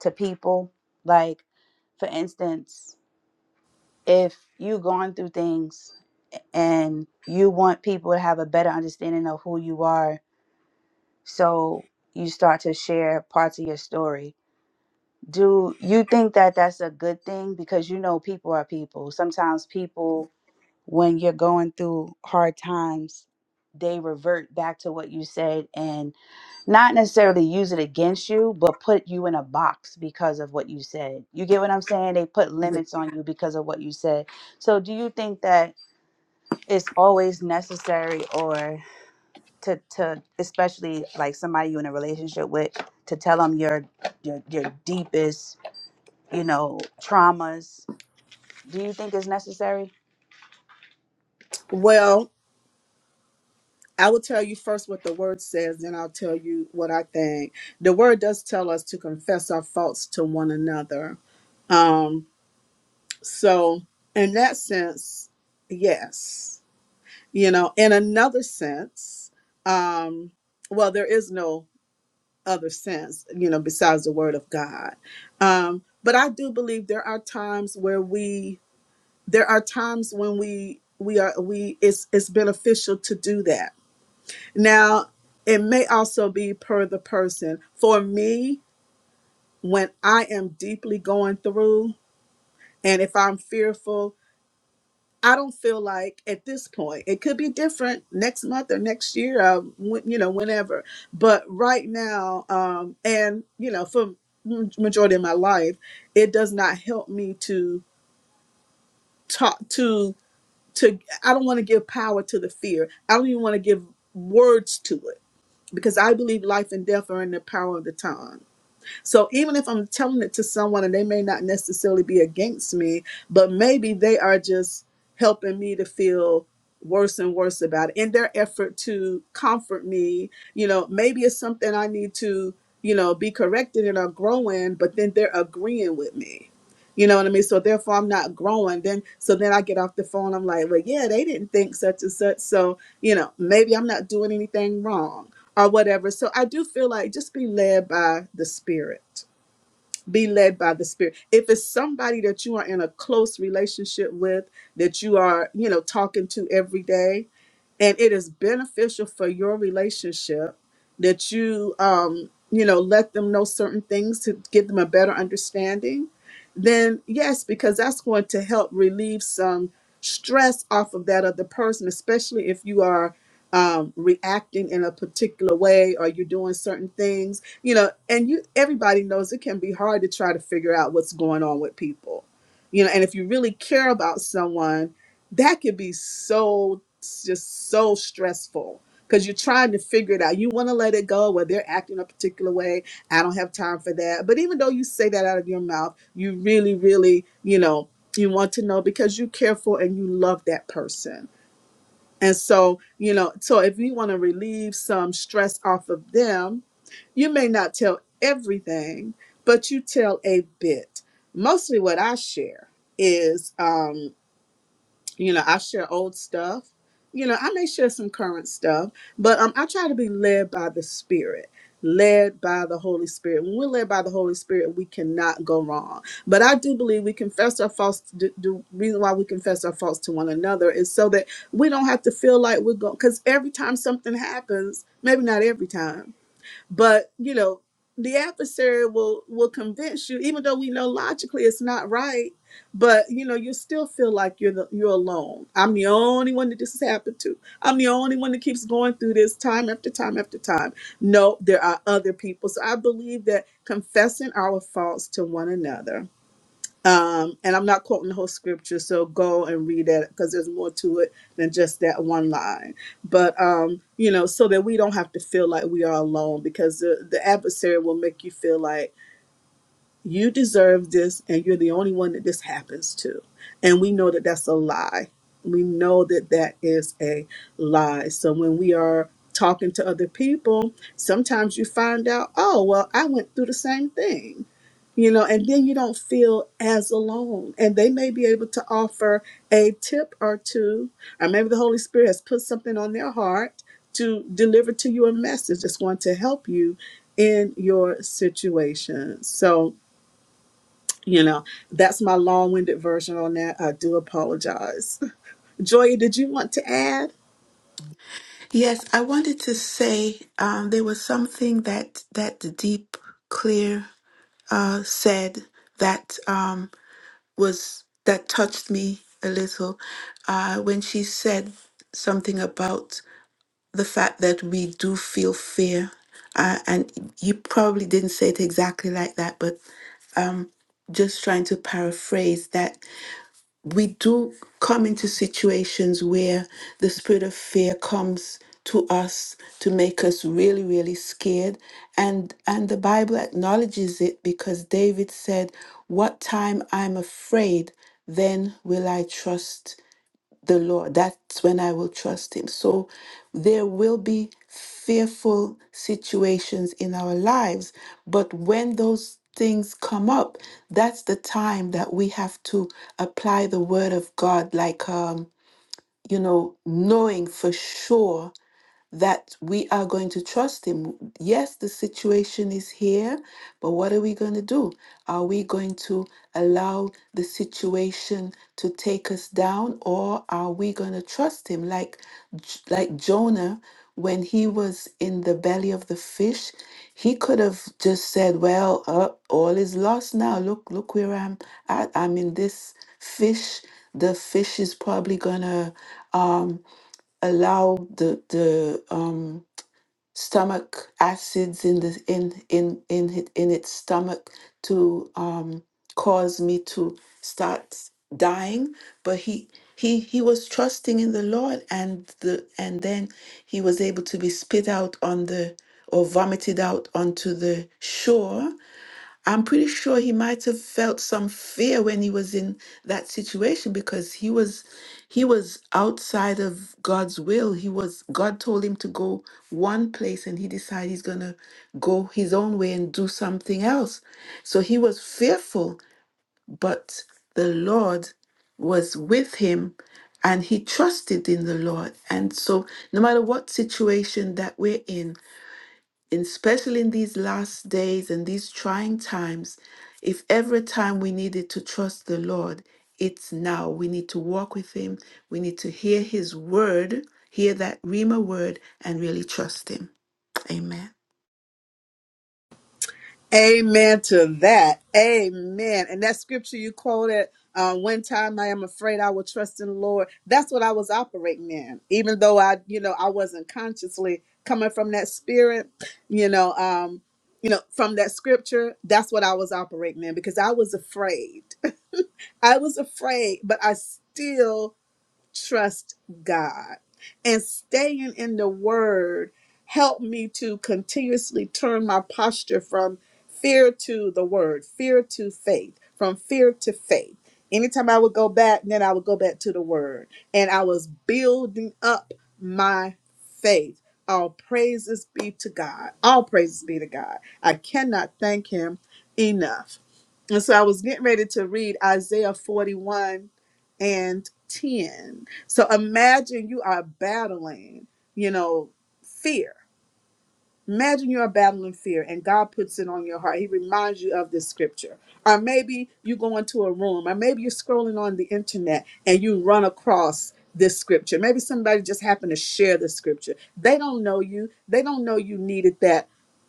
to people? Like, for instance, if you've gone through things and you want people to have a better understanding of who you are, so you start to share parts of your story. Do you think that that's a good thing? Because you know, people are people. Sometimes people when you're going through hard times, they revert back to what you said and not necessarily use it against you, but put you in a box because of what you said. You get what I'm saying? They put yeah. limits on you because of what you said. So do you think that it's always necessary or to to especially like somebody you're in a relationship with to tell them your your your deepest, you know, traumas? Do you think it's necessary? Well, I will tell you first what the word says, then I'll tell you what I think. The word does tell us to confess our faults to one another. Um, so in that sense, yes. You know, in another sense, um, well, there is no other sense, you know, besides the word of God. Um, but I do believe there are times where we there are times when we we are we it's it's beneficial to do that. Now, it may also be per the person. For me, when I am deeply going through and if I'm fearful, I don't feel like at this point it could be different next month or next year, uh, when, you know, whenever. But right now, um, and you know, for m- majority of my life, it does not help me to talk to to. I don't want to give power to the fear. I don't even want to give words to it because I believe life and death are in the power of the tongue. So even if I'm telling it to someone and they may not necessarily be against me, but maybe they are just helping me to feel worse and worse about it in their effort to comfort me. You know, maybe it's something I need to, you know, be corrected in or grow in, but then they're agreeing with me. You know what I mean? So therefore I'm not growing. Then so then I get off the phone, I'm like, well yeah, they didn't think such and such. So, you know, maybe I'm not doing anything wrong or whatever. So I do feel like just be led by the Spirit. Be led by the Spirit. If it's somebody that you are in a close relationship with, that you are, you know, talking to every day, and it is beneficial for your relationship that you um you know let them know certain things to give them a better understanding then yes because that's going to help relieve some stress off of that other person especially if you are um, reacting in a particular way or you're doing certain things you know and you everybody knows it can be hard to try to figure out what's going on with people you know and if you really care about someone that could be so just so stressful because you're trying to figure it out. You want to let it go Well, they're acting a particular way. I don't have time for that. But even though you say that out of your mouth, you really, really, you know, you want to know because you care for and you love that person. And so, you know, so if you want to relieve some stress off of them, you may not tell everything, but you tell a bit. Mostly what I share is um, you know i share old stuff you know i may share some current stuff but um, i try to be led by the spirit led by the holy spirit when we're led by the holy spirit we cannot go wrong but i do believe we confess our faults the, the reason why we confess our faults to one another is so that we don't have to feel like we're going because every time something happens maybe not every time but you know the adversary will will convince you even though we know logically it's not right but you know you still feel like you're the, you're alone i'm the only one that this has happened to i'm the only one that keeps going through this time after time after time no there are other people so i believe that confessing our faults to one another um, and I'm not quoting the whole scripture, so go and read that because there's more to it than just that one line. But um, you know, so that we don't have to feel like we are alone, because the, the adversary will make you feel like you deserve this and you're the only one that this happens to and we know that that's a lie we know that that is a lie so when we are talking to other people sometimes you find out oh well i went through the same thing you know and then you don't feel as alone and they may be able to offer a tip or two or maybe the holy spirit has put something on their heart to deliver to you a message that's going to help you in your situation so you know, that's my long-winded version on that. I do apologize. [LAUGHS] Joya, did you want to add? Yes, I wanted to say um, there was something that that the deep clear uh, said that um, was that touched me a little uh, when she said something about the fact that we do feel fear, uh, and you probably didn't say it exactly like that, but um, just trying to paraphrase that we do come into situations where the spirit of fear comes to us to make us really really scared and and the bible acknowledges it because david said what time i'm afraid then will i trust the Lord. That's when I will trust Him. So there will be fearful situations in our lives, but when those things come up, that's the time that we have to apply the Word of God, like, um, you know, knowing for sure that we are going to trust Him. Yes, the situation is here, but what are we going to do? Are we going to allow the situation to take us down, or are we going to trust Him like, J- like Jonah? When he was in the belly of the fish, he could have just said, "Well, uh, all is lost now. Look, look where I'm at. I'm in this fish. The fish is probably gonna um, allow the the um, stomach acids in the in in in it, in its stomach to um, cause me to start dying. But he he he was trusting in the Lord, and the and then he was able to be spit out on the or vomited out onto the shore I'm pretty sure he might have felt some fear when he was in that situation because he was he was outside of God's will. He was God told him to go one place and he decided he's going to go his own way and do something else. So he was fearful, but the Lord was with him and he trusted in the Lord. And so no matter what situation that we're in, in- especially in these last days and these trying times, if every time we needed to trust the Lord, it's now. We need to walk with Him. We need to hear His word, hear that Rima word, and really trust Him. Amen. Amen to that. Amen. And that scripture you quoted, uh, one time I am afraid I will trust in the Lord. That's what I was operating in, even though I, you know, I wasn't consciously coming from that spirit, you know, um, you know, from that scripture. That's what I was operating in because I was afraid. [LAUGHS] I was afraid, but I still trust God. And staying in the word helped me to continuously turn my posture from fear to the word, fear to faith, from fear to faith. Anytime I would go back, then I would go back to the word. And I was building up my faith. All praises be to God. All praises be to God. I cannot thank him enough. And so I was getting ready to read Isaiah 41 and 10. So imagine you are battling, you know, fear. Imagine you're battling fear and God puts it on your heart. He reminds you of this scripture. Or maybe you go into a room, or maybe you're scrolling on the internet and you run across this scripture. Maybe somebody just happened to share the scripture. They don't know you, they don't know you needed that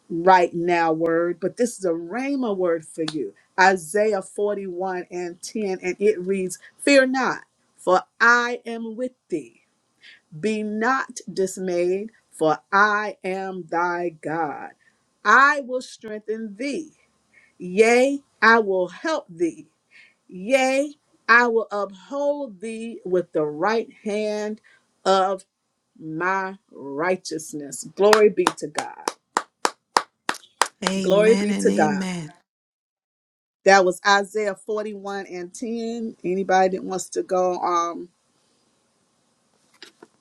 right now word, but this is a Rhema word for you. Isaiah 41 and 10, and it reads, Fear not, for I am with thee. Be not dismayed, for I am thy God. I will strengthen thee. Yea, I will help thee. Yea, I will uphold thee with the right hand of my righteousness. Glory be to God. Glory Amen be and to God. amen. That was Isaiah 41 and 10. Anybody that wants to go um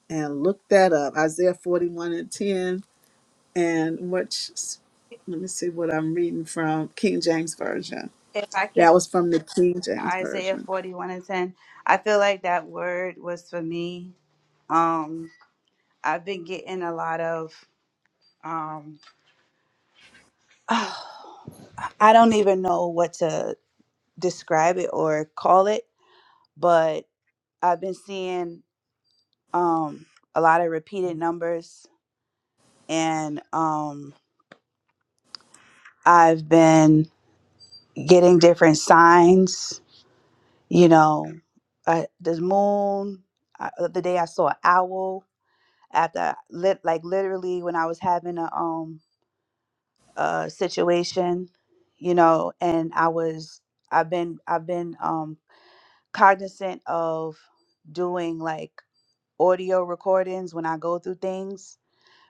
and look that up. Isaiah 41 and 10 and which let me see what I'm reading from King James Version. If I can That was from the King James Isaiah Version. 41 and 10. I feel like that word was for me. Um, I've been getting a lot of, um, [SIGHS] I don't even know what to describe it or call it, but I've been seeing um, a lot of repeated numbers and um, I've been getting different signs, you know, uh, the moon. Uh, the other day I saw an owl after lit like literally when I was having a um uh situation, you know, and I was I've been I've been um cognizant of doing like audio recordings when I go through things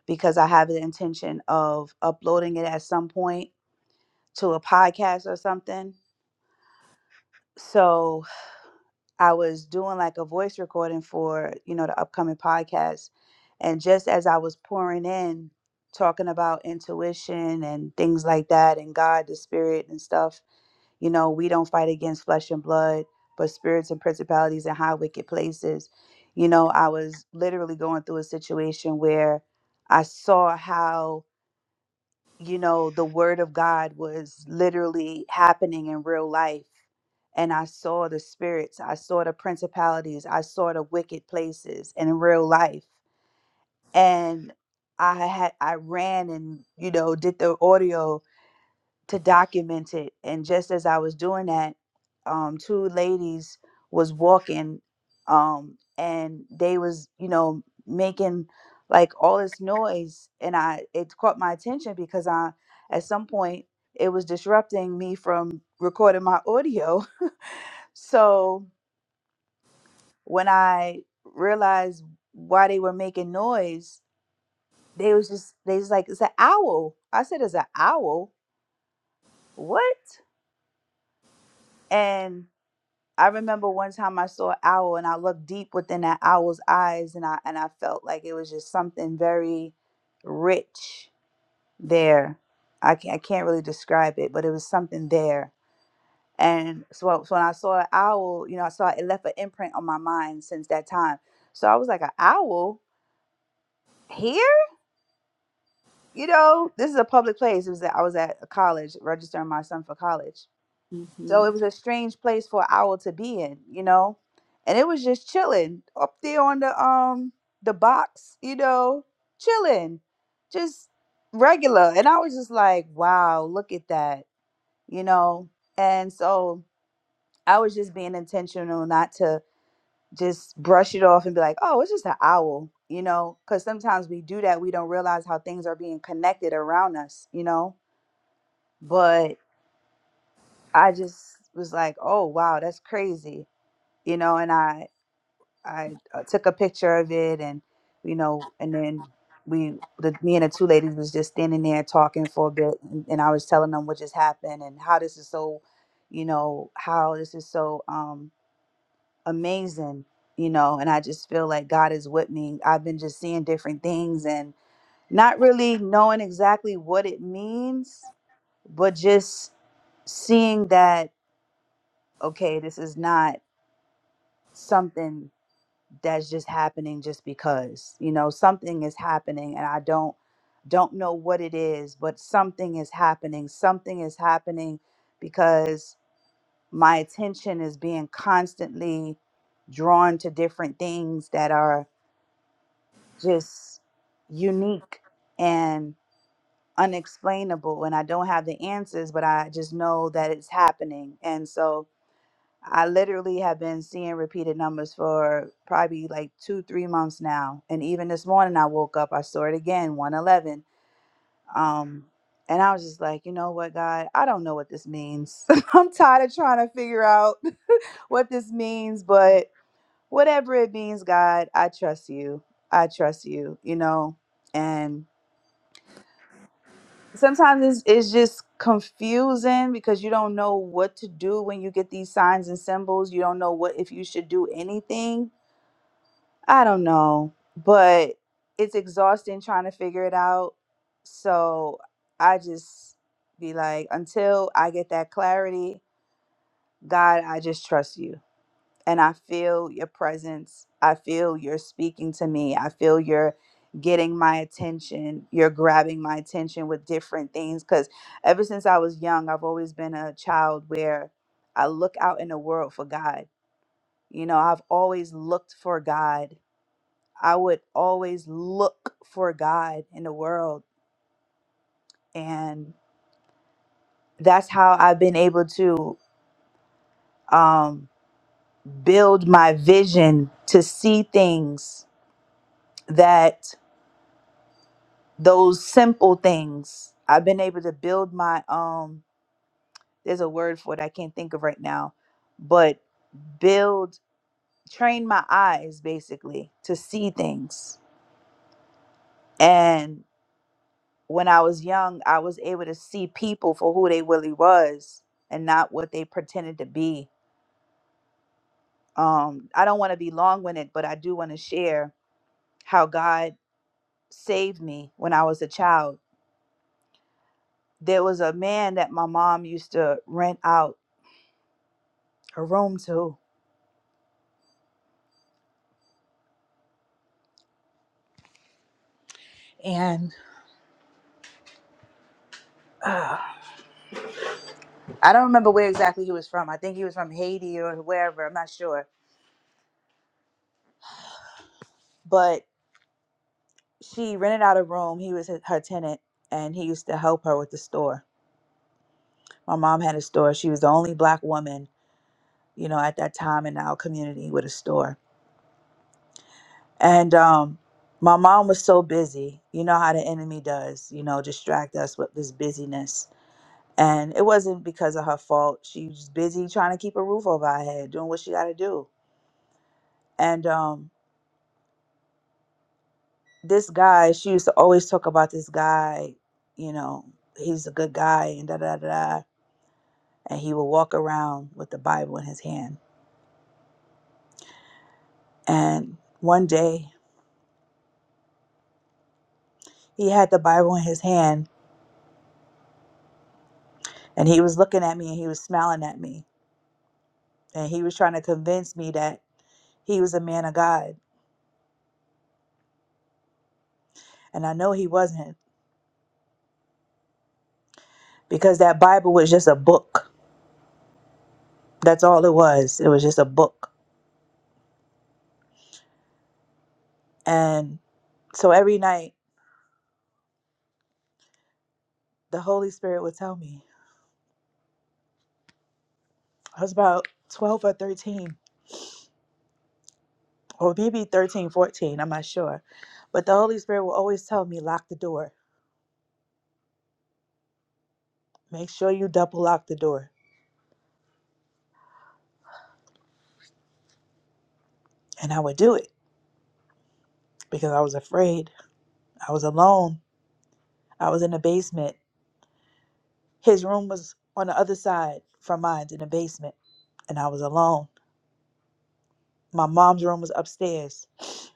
because I have the intention of uploading it at some point to a podcast or something. So I was doing like a voice recording for, you know, the upcoming podcast. And just as I was pouring in, talking about intuition and things like that, and God, the spirit and stuff, you know, we don't fight against flesh and blood, but spirits and principalities and high wicked places. You know, I was literally going through a situation where I saw how you know, the word of God was literally happening in real life. And I saw the spirits, I saw the principalities, I saw the wicked places in real life. And I had I ran and, you know, did the audio to document it. And just as I was doing that, um, two ladies was walking, um, and they was you know making like all this noise, and I it caught my attention because I at some point it was disrupting me from recording my audio. [LAUGHS] so when I realized why they were making noise, they was just they was like it's an owl. I said it's an owl. What? And I remember one time I saw an owl and I looked deep within that owl's eyes and I and I felt like it was just something very rich there. I can't, I can't really describe it, but it was something there. And so, so when I saw an owl, you know, I saw it left an imprint on my mind since that time. So I was like, an owl here? You know, this is a public place. It was that I was at a college registering my son for college So hmm it was a strange place for an owl to be in, you know? And it was just chilling up there on the um the box, you know, chilling. Just regular. And I was just like, wow, look at that, you know? And so I was just being intentional not to just brush it off and be like, oh, it's just an owl, you know? Cuz sometimes we do that, we don't realize how things are being connected around us, you know? But I just was like, oh wow, that's crazy. you know and i i uh, took a picture of it and you know and then we the me and the two ladies was just standing there talking for a bit and, and i was telling them what just happened and how this is so you know how this is so um amazing you know and i just feel like god is with me i've been just seeing different things and not really knowing exactly what it means but just seeing that okay this is not something that's just happening just because you know something is happening and i don't don't know what it is but something is happening something is happening because my attention is being constantly drawn to different things that are just unique and unexplainable and i don't have the answers but i just know that it's happening and so I literally have been seeing repeated numbers for probably like two, three months now. And even this morning, I woke up, I saw it again, 111. Um, and I was just like, you know what, God, I don't know what this means. [LAUGHS] I'm tired of trying to figure out [LAUGHS] what this means, but whatever it means, God, I trust you. I trust you, you know? And sometimes it's, it's just confusing because you don't know what to do when you get these signs and symbols. You don't know what if you should do anything I don't know, but it's exhausting trying to figure it out. So I just be like, until I get that clarity, God, I just trust you. And I feel your presence. I feel you're speaking to me. I feel you're getting my attention. You're grabbing my attention with different things. Because ever since I was young, I've always been a child where I look out in the world for God. You know, I've always looked for God I would always look for God in the world. And that's how I've been able to um, build my vision to see things that those simple things I've been able to build my um there's a word for it I can't think of right now but build train my eyes basically to see things when I was young, I was able to see people for who they really was and not what they pretended to be. Um, I don't want to be long winded, but I do want to share how God saved me when I was a child. There was a man that my mom used to rent out her room to, and uh, I don't remember where exactly he was from. I think he was from Haiti or wherever. I'm not sure, but she rented out a room. He was her her tenant, and he used to help her with the store My mom had a store. She was the only black woman, you know, at that time in our community with a store. And um, my mom was so busy. You know how the enemy does, you know, distract us with this busyness. And it wasn't because of her fault. She was busy trying to keep a roof over her head, doing what she got to do. And um, this guy, she used to always talk about this guy, you know, he's a good guy and da da da. da. And he would walk around with the Bible in his hand. And one day He had the Bible in his hand and he was looking at me and he was smiling at me. And he was trying to convince me that he was a man of God. And I know he wasn't because that Bible was just a book. That's all it was. It was just a book. And so every night, the Holy Spirit would tell me. I was about 12 or 13, or maybe thirteen, fourteen, I'm not sure. But the Holy Spirit would always tell me, lock the door. Make sure you double lock the door. And I would do it because I was afraid. I was alone I was in the basement. His room was on the other side from mine in the basement, and I was alone. My mom's room was upstairs. [SNIFFS]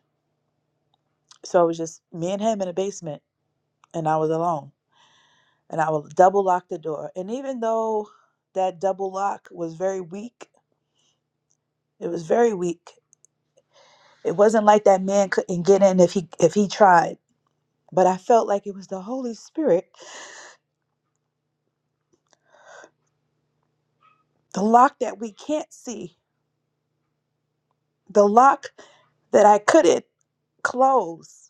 So it was just me and him in the basement, and I was alone. And I would double lock the door. And even though that double lock was very weak, it was very weak. It wasn't like that man couldn't get in if he if he tried. But I felt like it was the Holy Spirit, the lock that we can't see, the lock that I couldn't close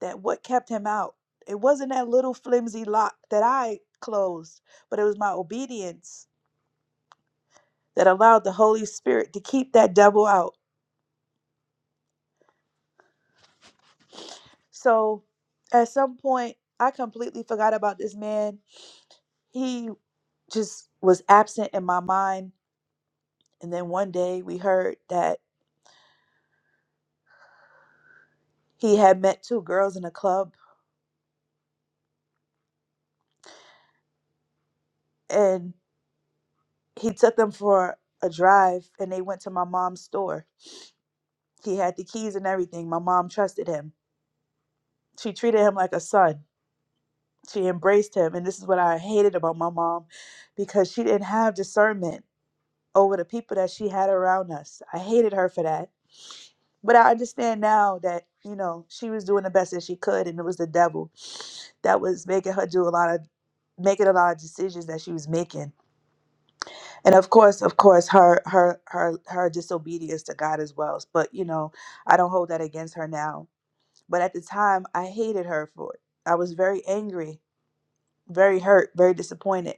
that what kept him out it wasn't that little flimsy lock that i closed but it was my obedience that allowed the holy spirit to keep that devil out so at some point i completely forgot about this man he just was absent in my mind and then one day we heard that he had met two girls in a club and he took them for a drive and they went to my mom's store he had the keys and everything my mom trusted him she treated him like a son She embraced him. And this is what I hated about my mom because she didn't have discernment over the people that she had around us. I hated her for that. But I understand now that, you know, she was doing the best that she could and it was the devil that was making her do a lot of making a lot of decisions that she was making. And of course, of course, her her her her disobedience to God as well. But you know, I don't hold that against her now. But at the time I hated her for it. I was very angry very hurt, very disappointed.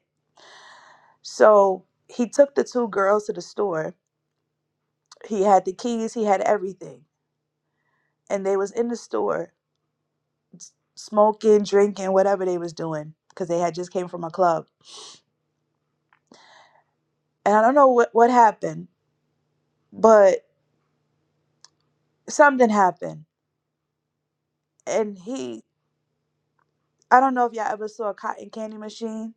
So he took the two girls to the store. He had the keys, he had everything. And they was in the store s- smoking, drinking, whatever they was doing because they had just came from a club. And I don't know what, what happened, but something happened. And he, I don't know if y'all ever saw a cotton candy machine.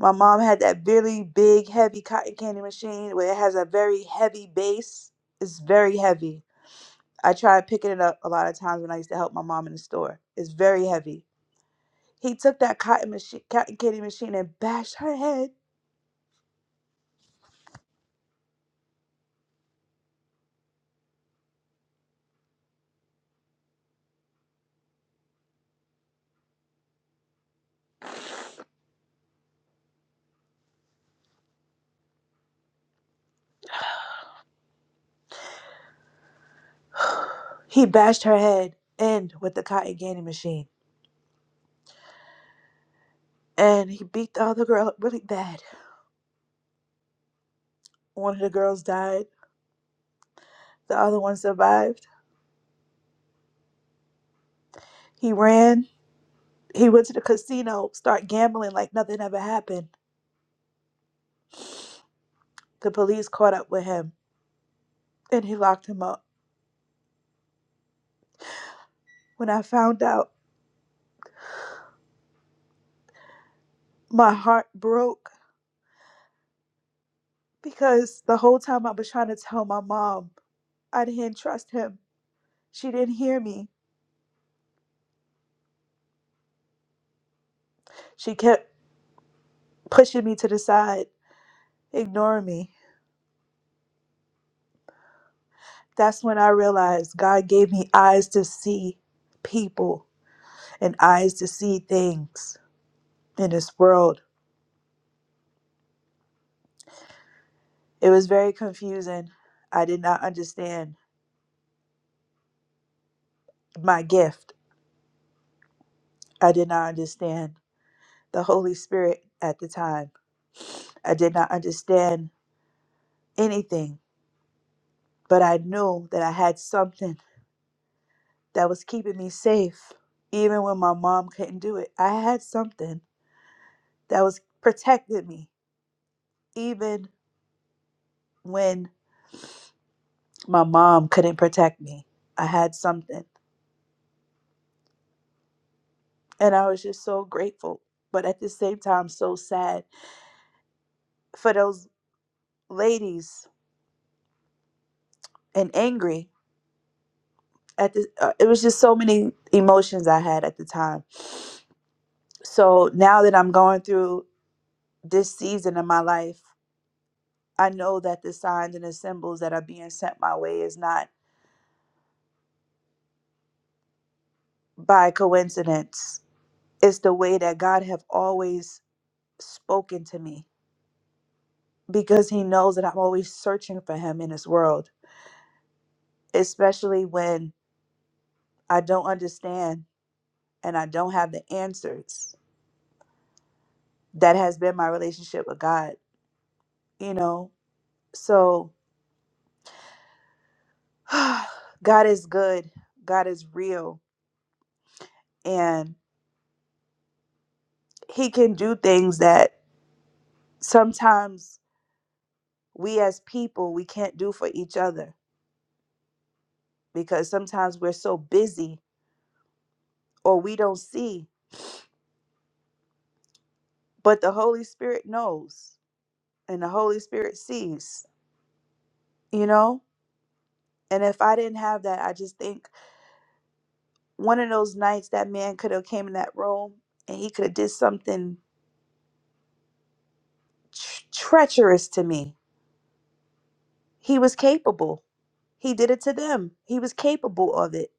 My mom had that really big, heavy cotton candy machine where it has a very heavy base. It's very heavy I tried picking it up a lot of times when I used to help my mom in the store. It's very heavy. He took that cotton machine, cotton candy machine, and bashed her head. He bashed her head in with the cotton candy machine, and he beat the other girl up really bad. One of the girls died. The other one survived. He ran. He went to the casino, start gambling like nothing ever happened. The police caught up with him, and he locked him up. When I found out, my heart broke because the whole time I was trying to tell my mom I didn't trust him. She didn't hear me. She kept pushing me to the side, ignoring me. That's when I realized God gave me eyes to see people and eyes to see things in this world. It was very confusing. I did not understand my gift. I did not understand the Holy Spirit at the time. I did not understand anything, but I knew that I had something that was keeping me safe, even when my mom couldn't do it. I had something that was protecting me, even when my mom couldn't protect me. I had something. And I was just so grateful, but at the same time, so sad for those ladies and angry. At the, uh, it was just so many emotions I had at the time. So now that I'm going through this season in my life, I know that the signs and the symbols that are being sent my way is not by coincidence. It's the way that God have always spoken to me because he knows that I'm always searching for him in this world, especially when I don't understand and I don't have the answers. That has been my relationship with God, you know. So [SIGHS] God is good. God is real and he can do things that sometimes we as people we can't do for each other because sometimes we're so busy or we don't see, but the Holy Spirit knows and the Holy Spirit sees, you know? And if I didn't have that, I just think one of those nights that man could have came in that room and he could have did something tr- treacherous to me. He was capable. He did it to them. He was capable of it.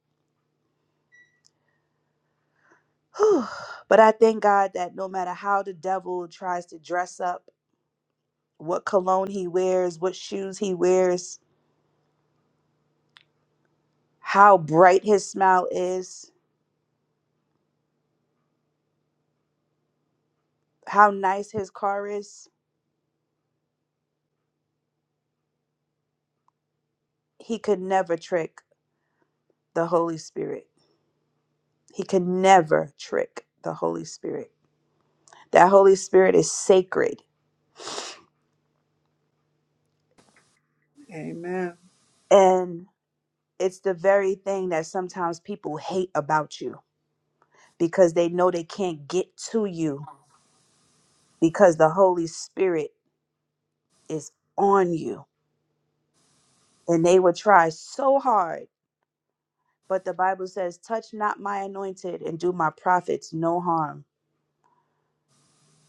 [SIGHS] Whew. but I thank God that no matter how the devil tries to dress up, what cologne he wears, what shoes he wears, how bright his smile is, how nice his car is, he could never trick the Holy Spirit. He could never trick the Holy Spirit. That Holy Spirit is sacred. Amen. And it's the very thing that sometimes people hate about you because they know they can't get to you because the Holy Spirit is on you. And they will try so hard. But the Bible says, touch not my anointed and do my prophets no harm.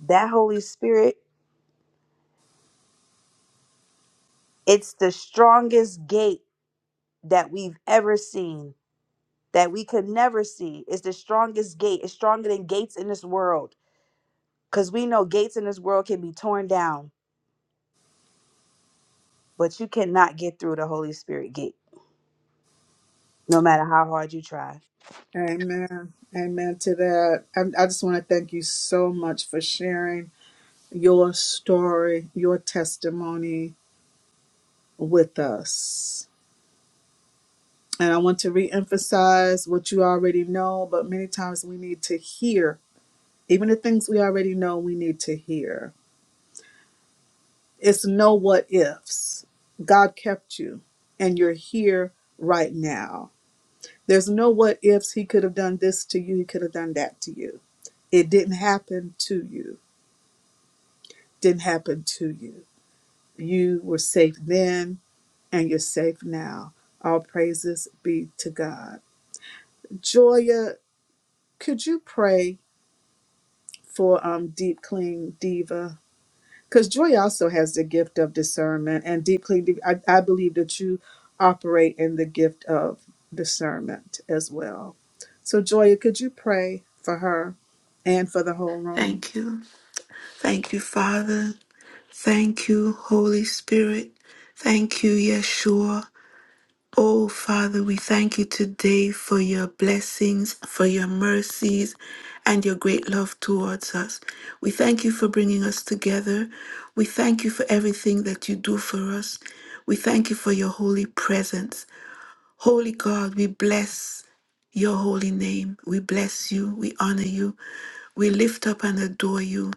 That Holy Spirit, it's the strongest gate that we've ever seen that we could never see is the strongest gate it's stronger than gates in this world because we know gates in this world can be torn down but you cannot get through the holy spirit gate no matter how hard you try Amen. Amen to that. I, I just want to thank you so much for sharing your story, your testimony with us. And I want to reemphasize what you already know, but many times we need to hear, even the things we already know, we need to hear It's no what ifs. God kept you and you're here right now. There's no what ifs. He could have done this to you, he could have done that to you. It didn't happen to you, didn't happen to you. You were safe then and you're safe now. All praises be to God. Joya, could you pray for um Deep Clean Diva? because joy also has the gift of discernment and deeply I, I believe that you operate in the gift of discernment as well so joya could you pray for her and for the whole room Thank you. Thank you, Father. Thank you, Holy Spirit. Thank you, Yeshua. Oh, Father, we thank you today for your blessings, for your mercies, and your great love towards us. We thank you for bringing us together. We thank you for everything that you do for us. We thank you for your holy presence. Holy God, we bless your holy name. We bless you. We honor you. We lift up and adore you.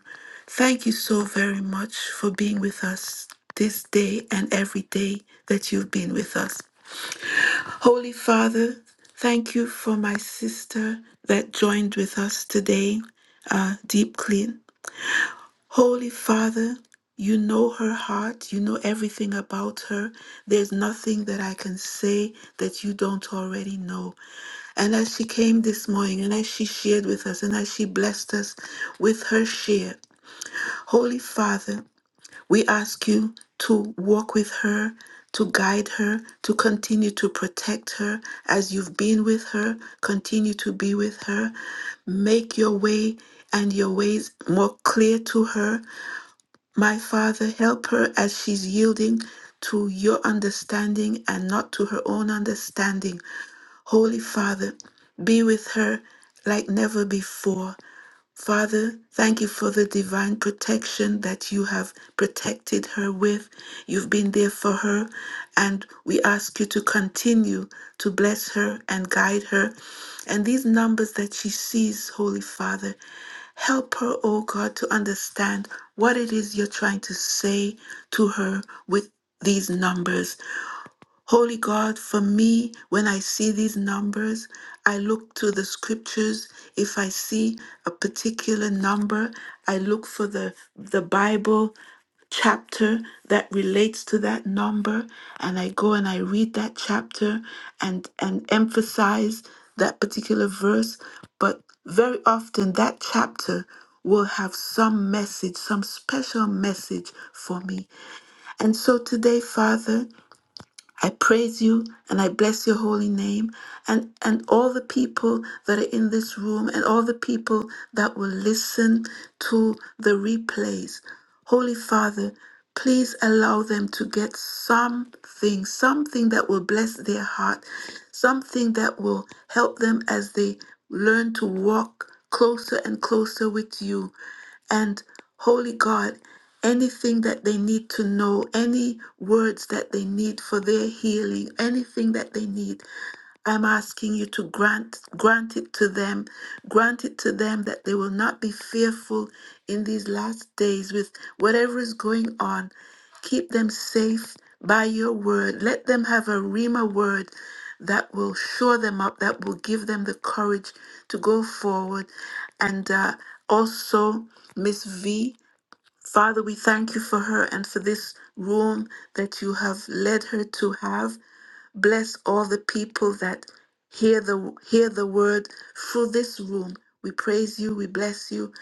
Thank you so very much for being with us this day and every day that you've been with us. Holy Father, thank you for my sister that joined with us today, uh, Deep Clean. Holy Father, you know her heart, you know everything about her. There's nothing that I can say that you don't already know. And as she came this morning, and as she shared with us, and as she blessed us with her share, Holy Father, we ask you to walk with her, to guide her, to continue to protect her as you've been with her. Continue to be with her. Make your way and your ways more clear to her. My Father, help her as she's yielding to your understanding and not to her own understanding. Holy Father, be with her like never before. Father, thank you for the divine protection that you have protected her with. You've been there for her, and we ask you to continue to bless her and guide her. And these numbers that she sees, Holy Father, help her, oh God, to understand what it is you're trying to say to her with these numbers. Holy God, for me, when I see these numbers, I look to the scriptures. If I see a particular number, I look for the, the Bible chapter that relates to that number and I go and I read that chapter and and emphasize that particular verse but very often that chapter will have some message some special message for me and so today father I praise you and I bless your holy name and, and all the people that are in this room and all the people that will listen to the replays. Holy Father, please allow them to get something, something that will bless their heart, something that will help them as they learn to walk closer and closer with you. And Holy God, anything that they need to know, any words that they need for their healing, anything that they need, I'm asking you to grant grant it to them, grant it to them that they will not be fearful in these last days with whatever is going on. Keep them safe by your word. Let them have a Rima word that will shore them up, that will give them the courage to go forward. And uh, also, Miss V, Father, we thank you for her and for this room that you have led her to have. Bless all the people that hear the hear the word through this room. We praise you, we bless you,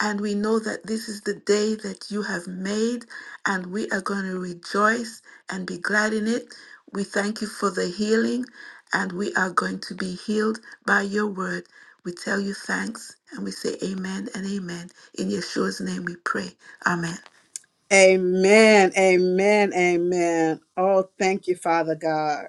and we know that this is the day that you have made, and we are going to rejoice and be glad in it. We thank you for the healing, and we are going to be healed by your word. We tell you thanks, and we say amen and amen. In Yeshua's name we pray. Amen. amen amen amen oh thank you father god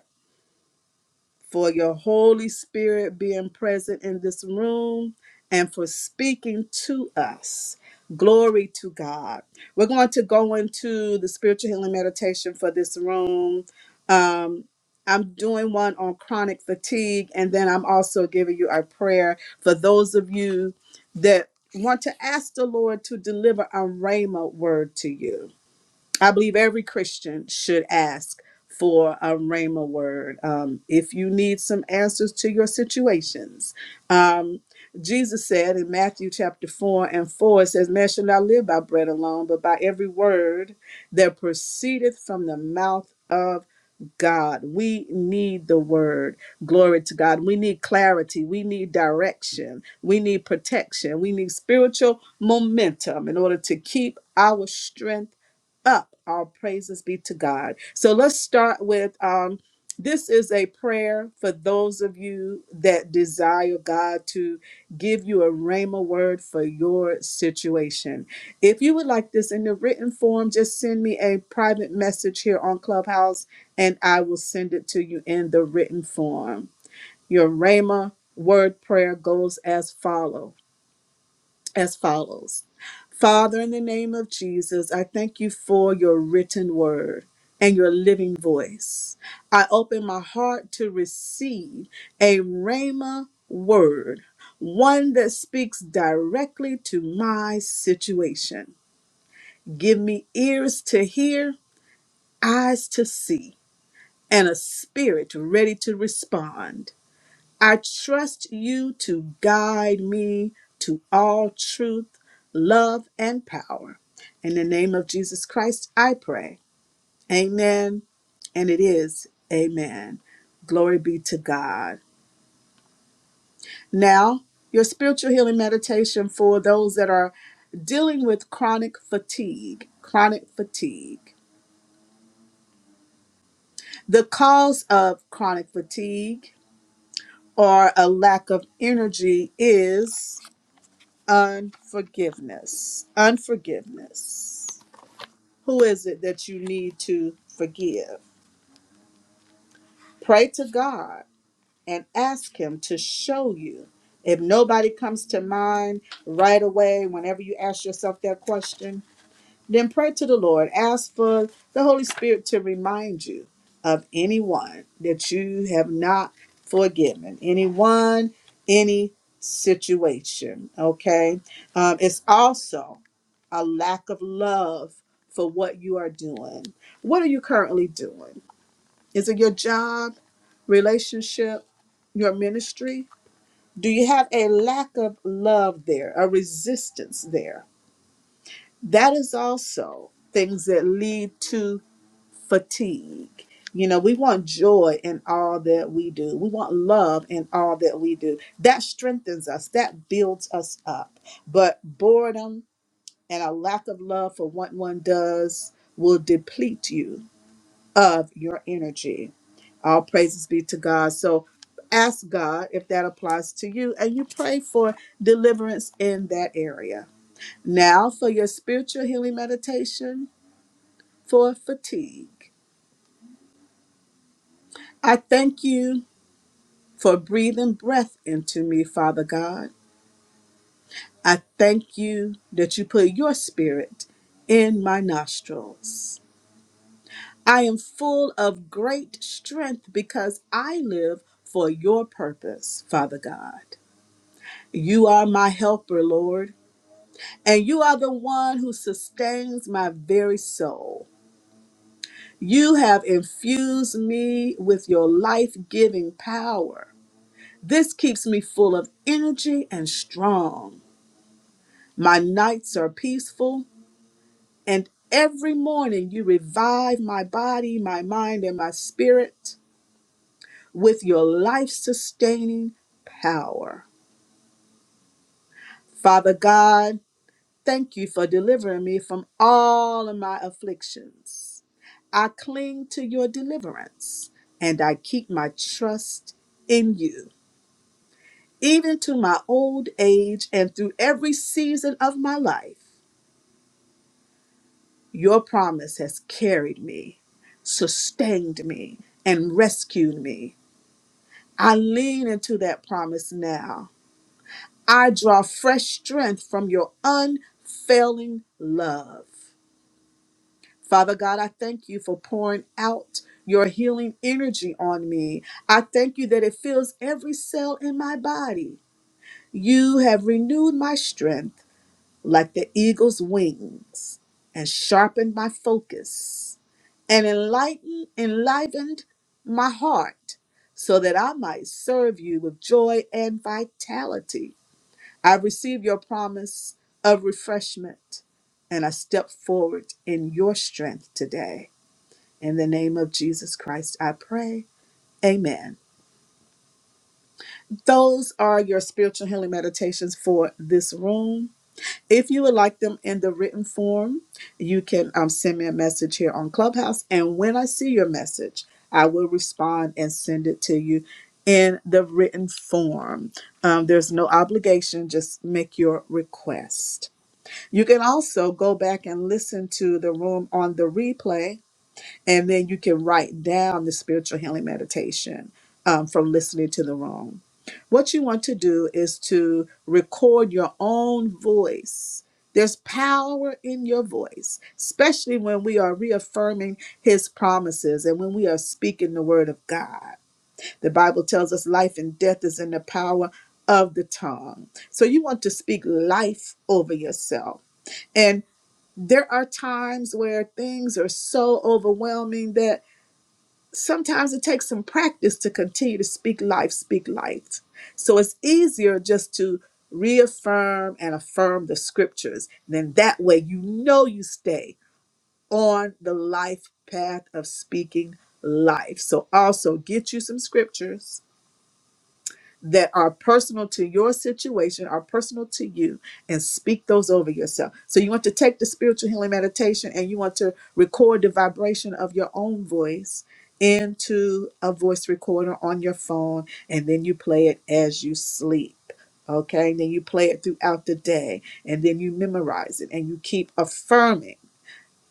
for your Holy Spirit being present in this room and for speaking to us. Glory to God. We're going to go into the spiritual healing meditation for this room. Um, I'm doing one on chronic fatigue, and then I'm also giving you a prayer for those of you that want to ask the Lord to deliver a rhema word to you I believe every Christian should ask for a Rhema word. Um, if you need some answers to your situations, um, Jesus said in Matthew chapter 4 and 4, it says, Man shall not live by bread alone, but by every word that proceedeth from the mouth of God. We need the word. Glory to God. We need clarity. We need direction. We need protection. We need spiritual momentum in order to keep our strength up. All praises be to God. So let's start with um this is a prayer for those of you that desire God to give you a rhema word for your situation. If you would like this in the written form, just send me a private message here on Clubhouse and I will send it to you in the written form. Your Rhema word prayer goes as follow as follows. Father, in the name of Jesus, I thank you for your written word and your living voice. I open my heart to receive a Rhema word, one that speaks directly to my situation. Give me ears to hear, eyes to see and a spirit ready to respond. I trust you to guide me to all truth, love, and power. In the name of Jesus Christ, I pray. Amen. And it is amen. Glory be to God. Now, your spiritual healing meditation for those that are dealing with chronic fatigue. Chronic fatigue. The cause of chronic fatigue or a lack of energy is unforgiveness. Unforgiveness. Who is it that you need to forgive? Pray to God and ask Him to show you. If nobody comes to mind right away, whenever you ask yourself that question, Then pray to the Lord. Ask for the Holy Spirit to remind you of anyone that you have not forgiven, anyone, any situation. Okay. Um, it's also a lack of love for what you are doing. What are you currently doing? Is it your job, relationship, your ministry? Do you have a lack of love there, a resistance there? that is also things that lead to fatigue. You know, we want joy in all that we do. We want love in all that we do. That strengthens us, that builds us up. But boredom and a lack of love for what one does will deplete you of your energy. All praises be to God. So ask God if that applies to you and you pray for deliverance in that area. Now, for your spiritual healing meditation, for fatigue. I thank you for breathing breath into me, Father God. I thank you that you put your spirit in my nostrils. I am full of great strength because I live for your purpose, Father God. You are my helper, Lord, and you are the one who sustains my very soul. You have infused me with your life giving power. This keeps me full of energy and strong. My nights are peaceful, and every morning you revive my body, my mind, and my spirit with your life sustaining power. Father God, thank you for delivering me from all of my afflictions. I cling to your deliverance, and I keep my trust in you, even to my old age and through every season of my life. Your promise has carried me, sustained me, and rescued me. I lean into that promise now. I draw fresh strength from your unfailing love. Father God, I thank you for pouring out your healing energy on me. I thank you that it fills every cell in my body. You have renewed my strength like the eagle's wings and sharpened my focus and enlighten enlivened my heart so that I might serve you with joy and vitality. I receive your promise of refreshment and I step forward in your strength today. In the name of Jesus Christ, I pray. Amen. Those are your spiritual healing meditations for this room. If you would like them in the written form, you can um, send me a message here on Clubhouse. And when I see your message, I will respond and send it to you in the written form. Um, there's no obligation, just make your request. You can also go back and listen to the room on the replay and then you can write down the spiritual healing meditation um, from listening to the wrong. What you want to do is to record your own voice. There's power in your voice, especially when we are reaffirming his promises and when we are speaking the word of God. The Bible tells us life and death is in the power of the tongue. So you want to speak life over yourself. And there are times where things are so overwhelming that sometimes it takes some practice to continue to speak life, speak light. So it's easier just to reaffirm and affirm the scriptures. Then that way you know you stay on the life path of speaking life. So also get you some scriptures that are personal to your situation, are personal to you, and speak those over yourself. So you want to take the spiritual healing meditation and you want to record the vibration of your own voice into a voice recorder on your phone, and then you play it as you sleep. Okay, and then you play it throughout the day, and then you memorize it, and you keep affirming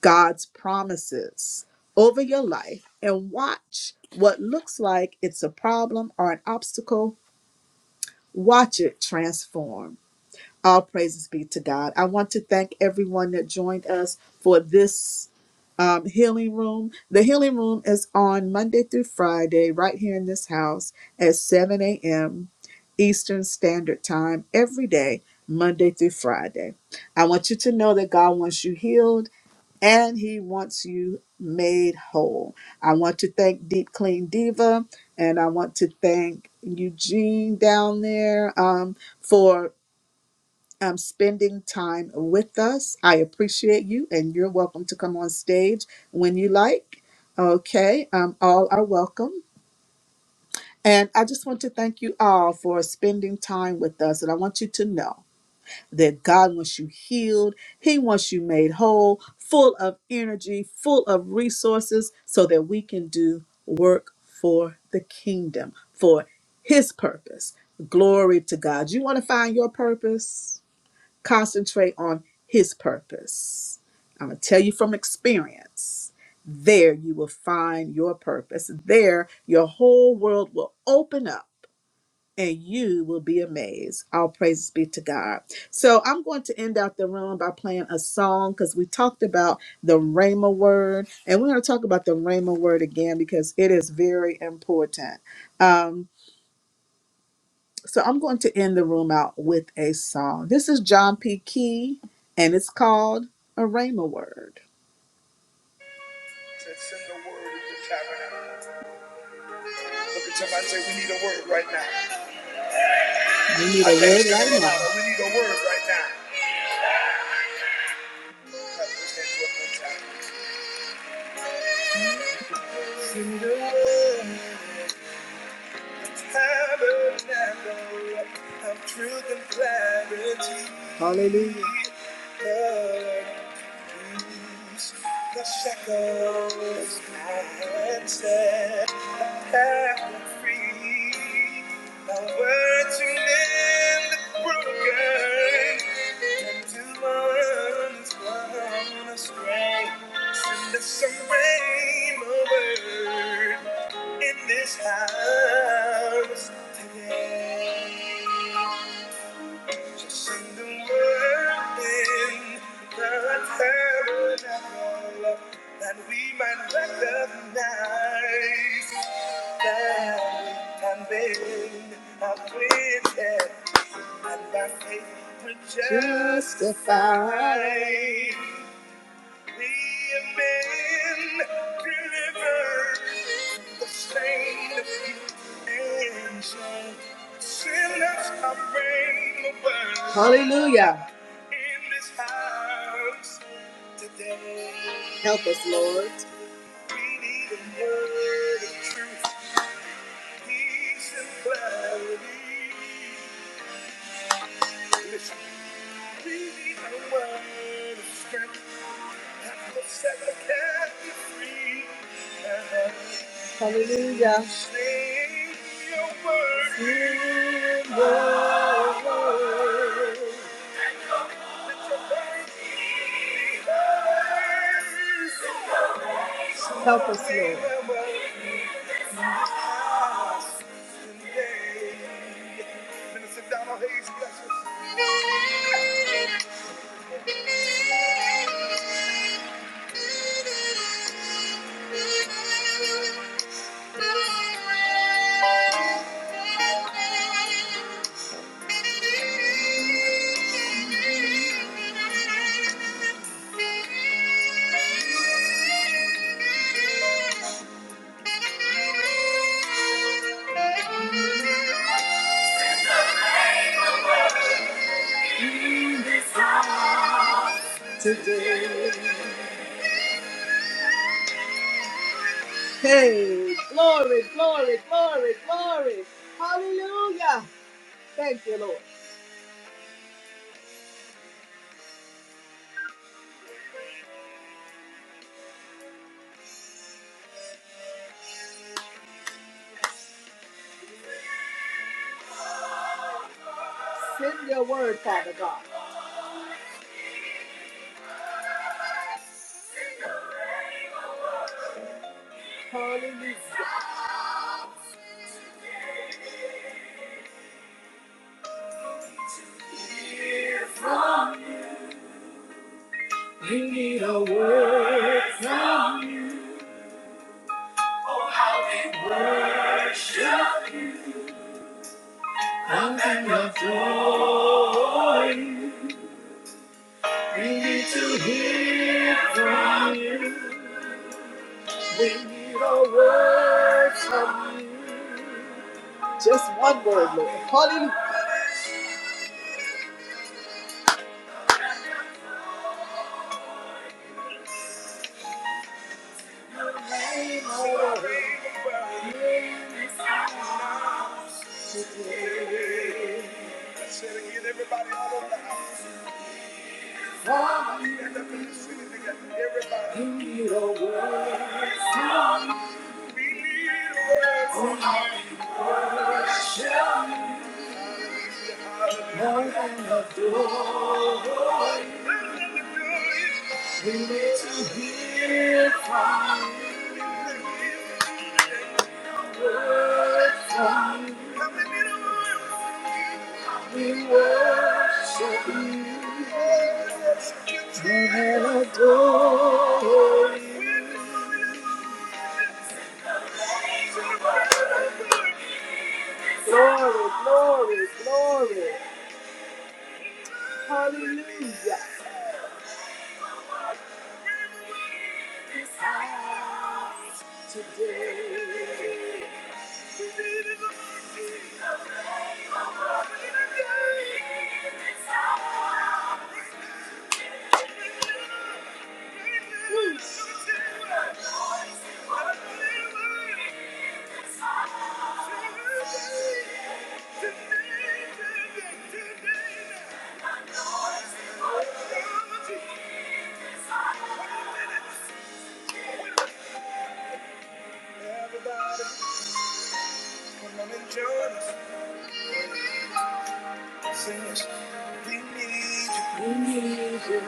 God's promises over your life and watch what looks like it's a problem or an obstacle Watch it transform. All praises be to God. I want to thank everyone that joined us for this um, healing room. The healing room is on Monday through Friday, right here in this house at 7 a.m. Eastern Standard Time every day, Monday through Friday. I want you to know that God wants you healed and he wants you made whole. I want to thank Deep Clean Diva and I want to thank Eugene down there um, for um, spending time with us. I appreciate you, and you're welcome to come on stage when you like. Okay, um, all are welcome. And I just want to thank you all for spending time with us. And I want you to know that God wants you healed. He wants you made whole, full of energy, full of resources, so that we can do work for the kingdom, for His purpose. Glory to God. You want to find your purpose? Concentrate on His purpose. I'm going to tell you from experience. There you will find your purpose. There your whole world will open up and you will be amazed. All praises be to God. So I'm going to end out the room by playing a song because we talked about the Rhema word, and we're going to talk about the Rhema word again because it is very important. Um, so I'm going to end the room out with a song. This is John P. Key, and it's called a Rhema word. Look at somebody and say, We need a word right now. We need a I word you right now. We need a word right now. Hallelujah. the shackles and set free. The word to mend the broken and to one's one astray. Send us some rain, O Lord in this house today. Just sing the word in the tabernacle that we might recognize that time been afflicted and by faith we're justified. We have been delivered, sustained, and so sinners are reigning over. Hallelujah. In this house today. Help us, Lord. We need a word of truth, peace, and clarity. Listen, we need a word of strength. Hallelujah. Help us, Lord. Thank you. Today, hey, we need a word from heaven of joy. We need to hear from you. We need a word from you. Just one word, Lord. Hallelujah. Say it again, everybody, all over the house. for me. You need a word from me. More than adore you. We need to hear from you, A word from you. We worship you and adore you. Glory, glory, glory. Hallelujah. Today, today, today. Everybody, come on and join us. Sing this. We need you.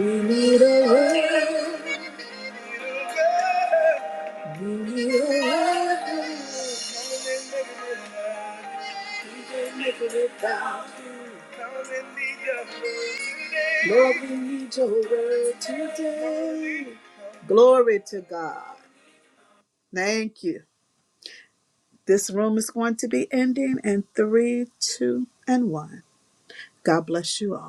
We need you. We need a word. We need a word. Lord, we need your word today. Glory to God. Thank you. This room is going to be ending in three, two, and one. God bless you all.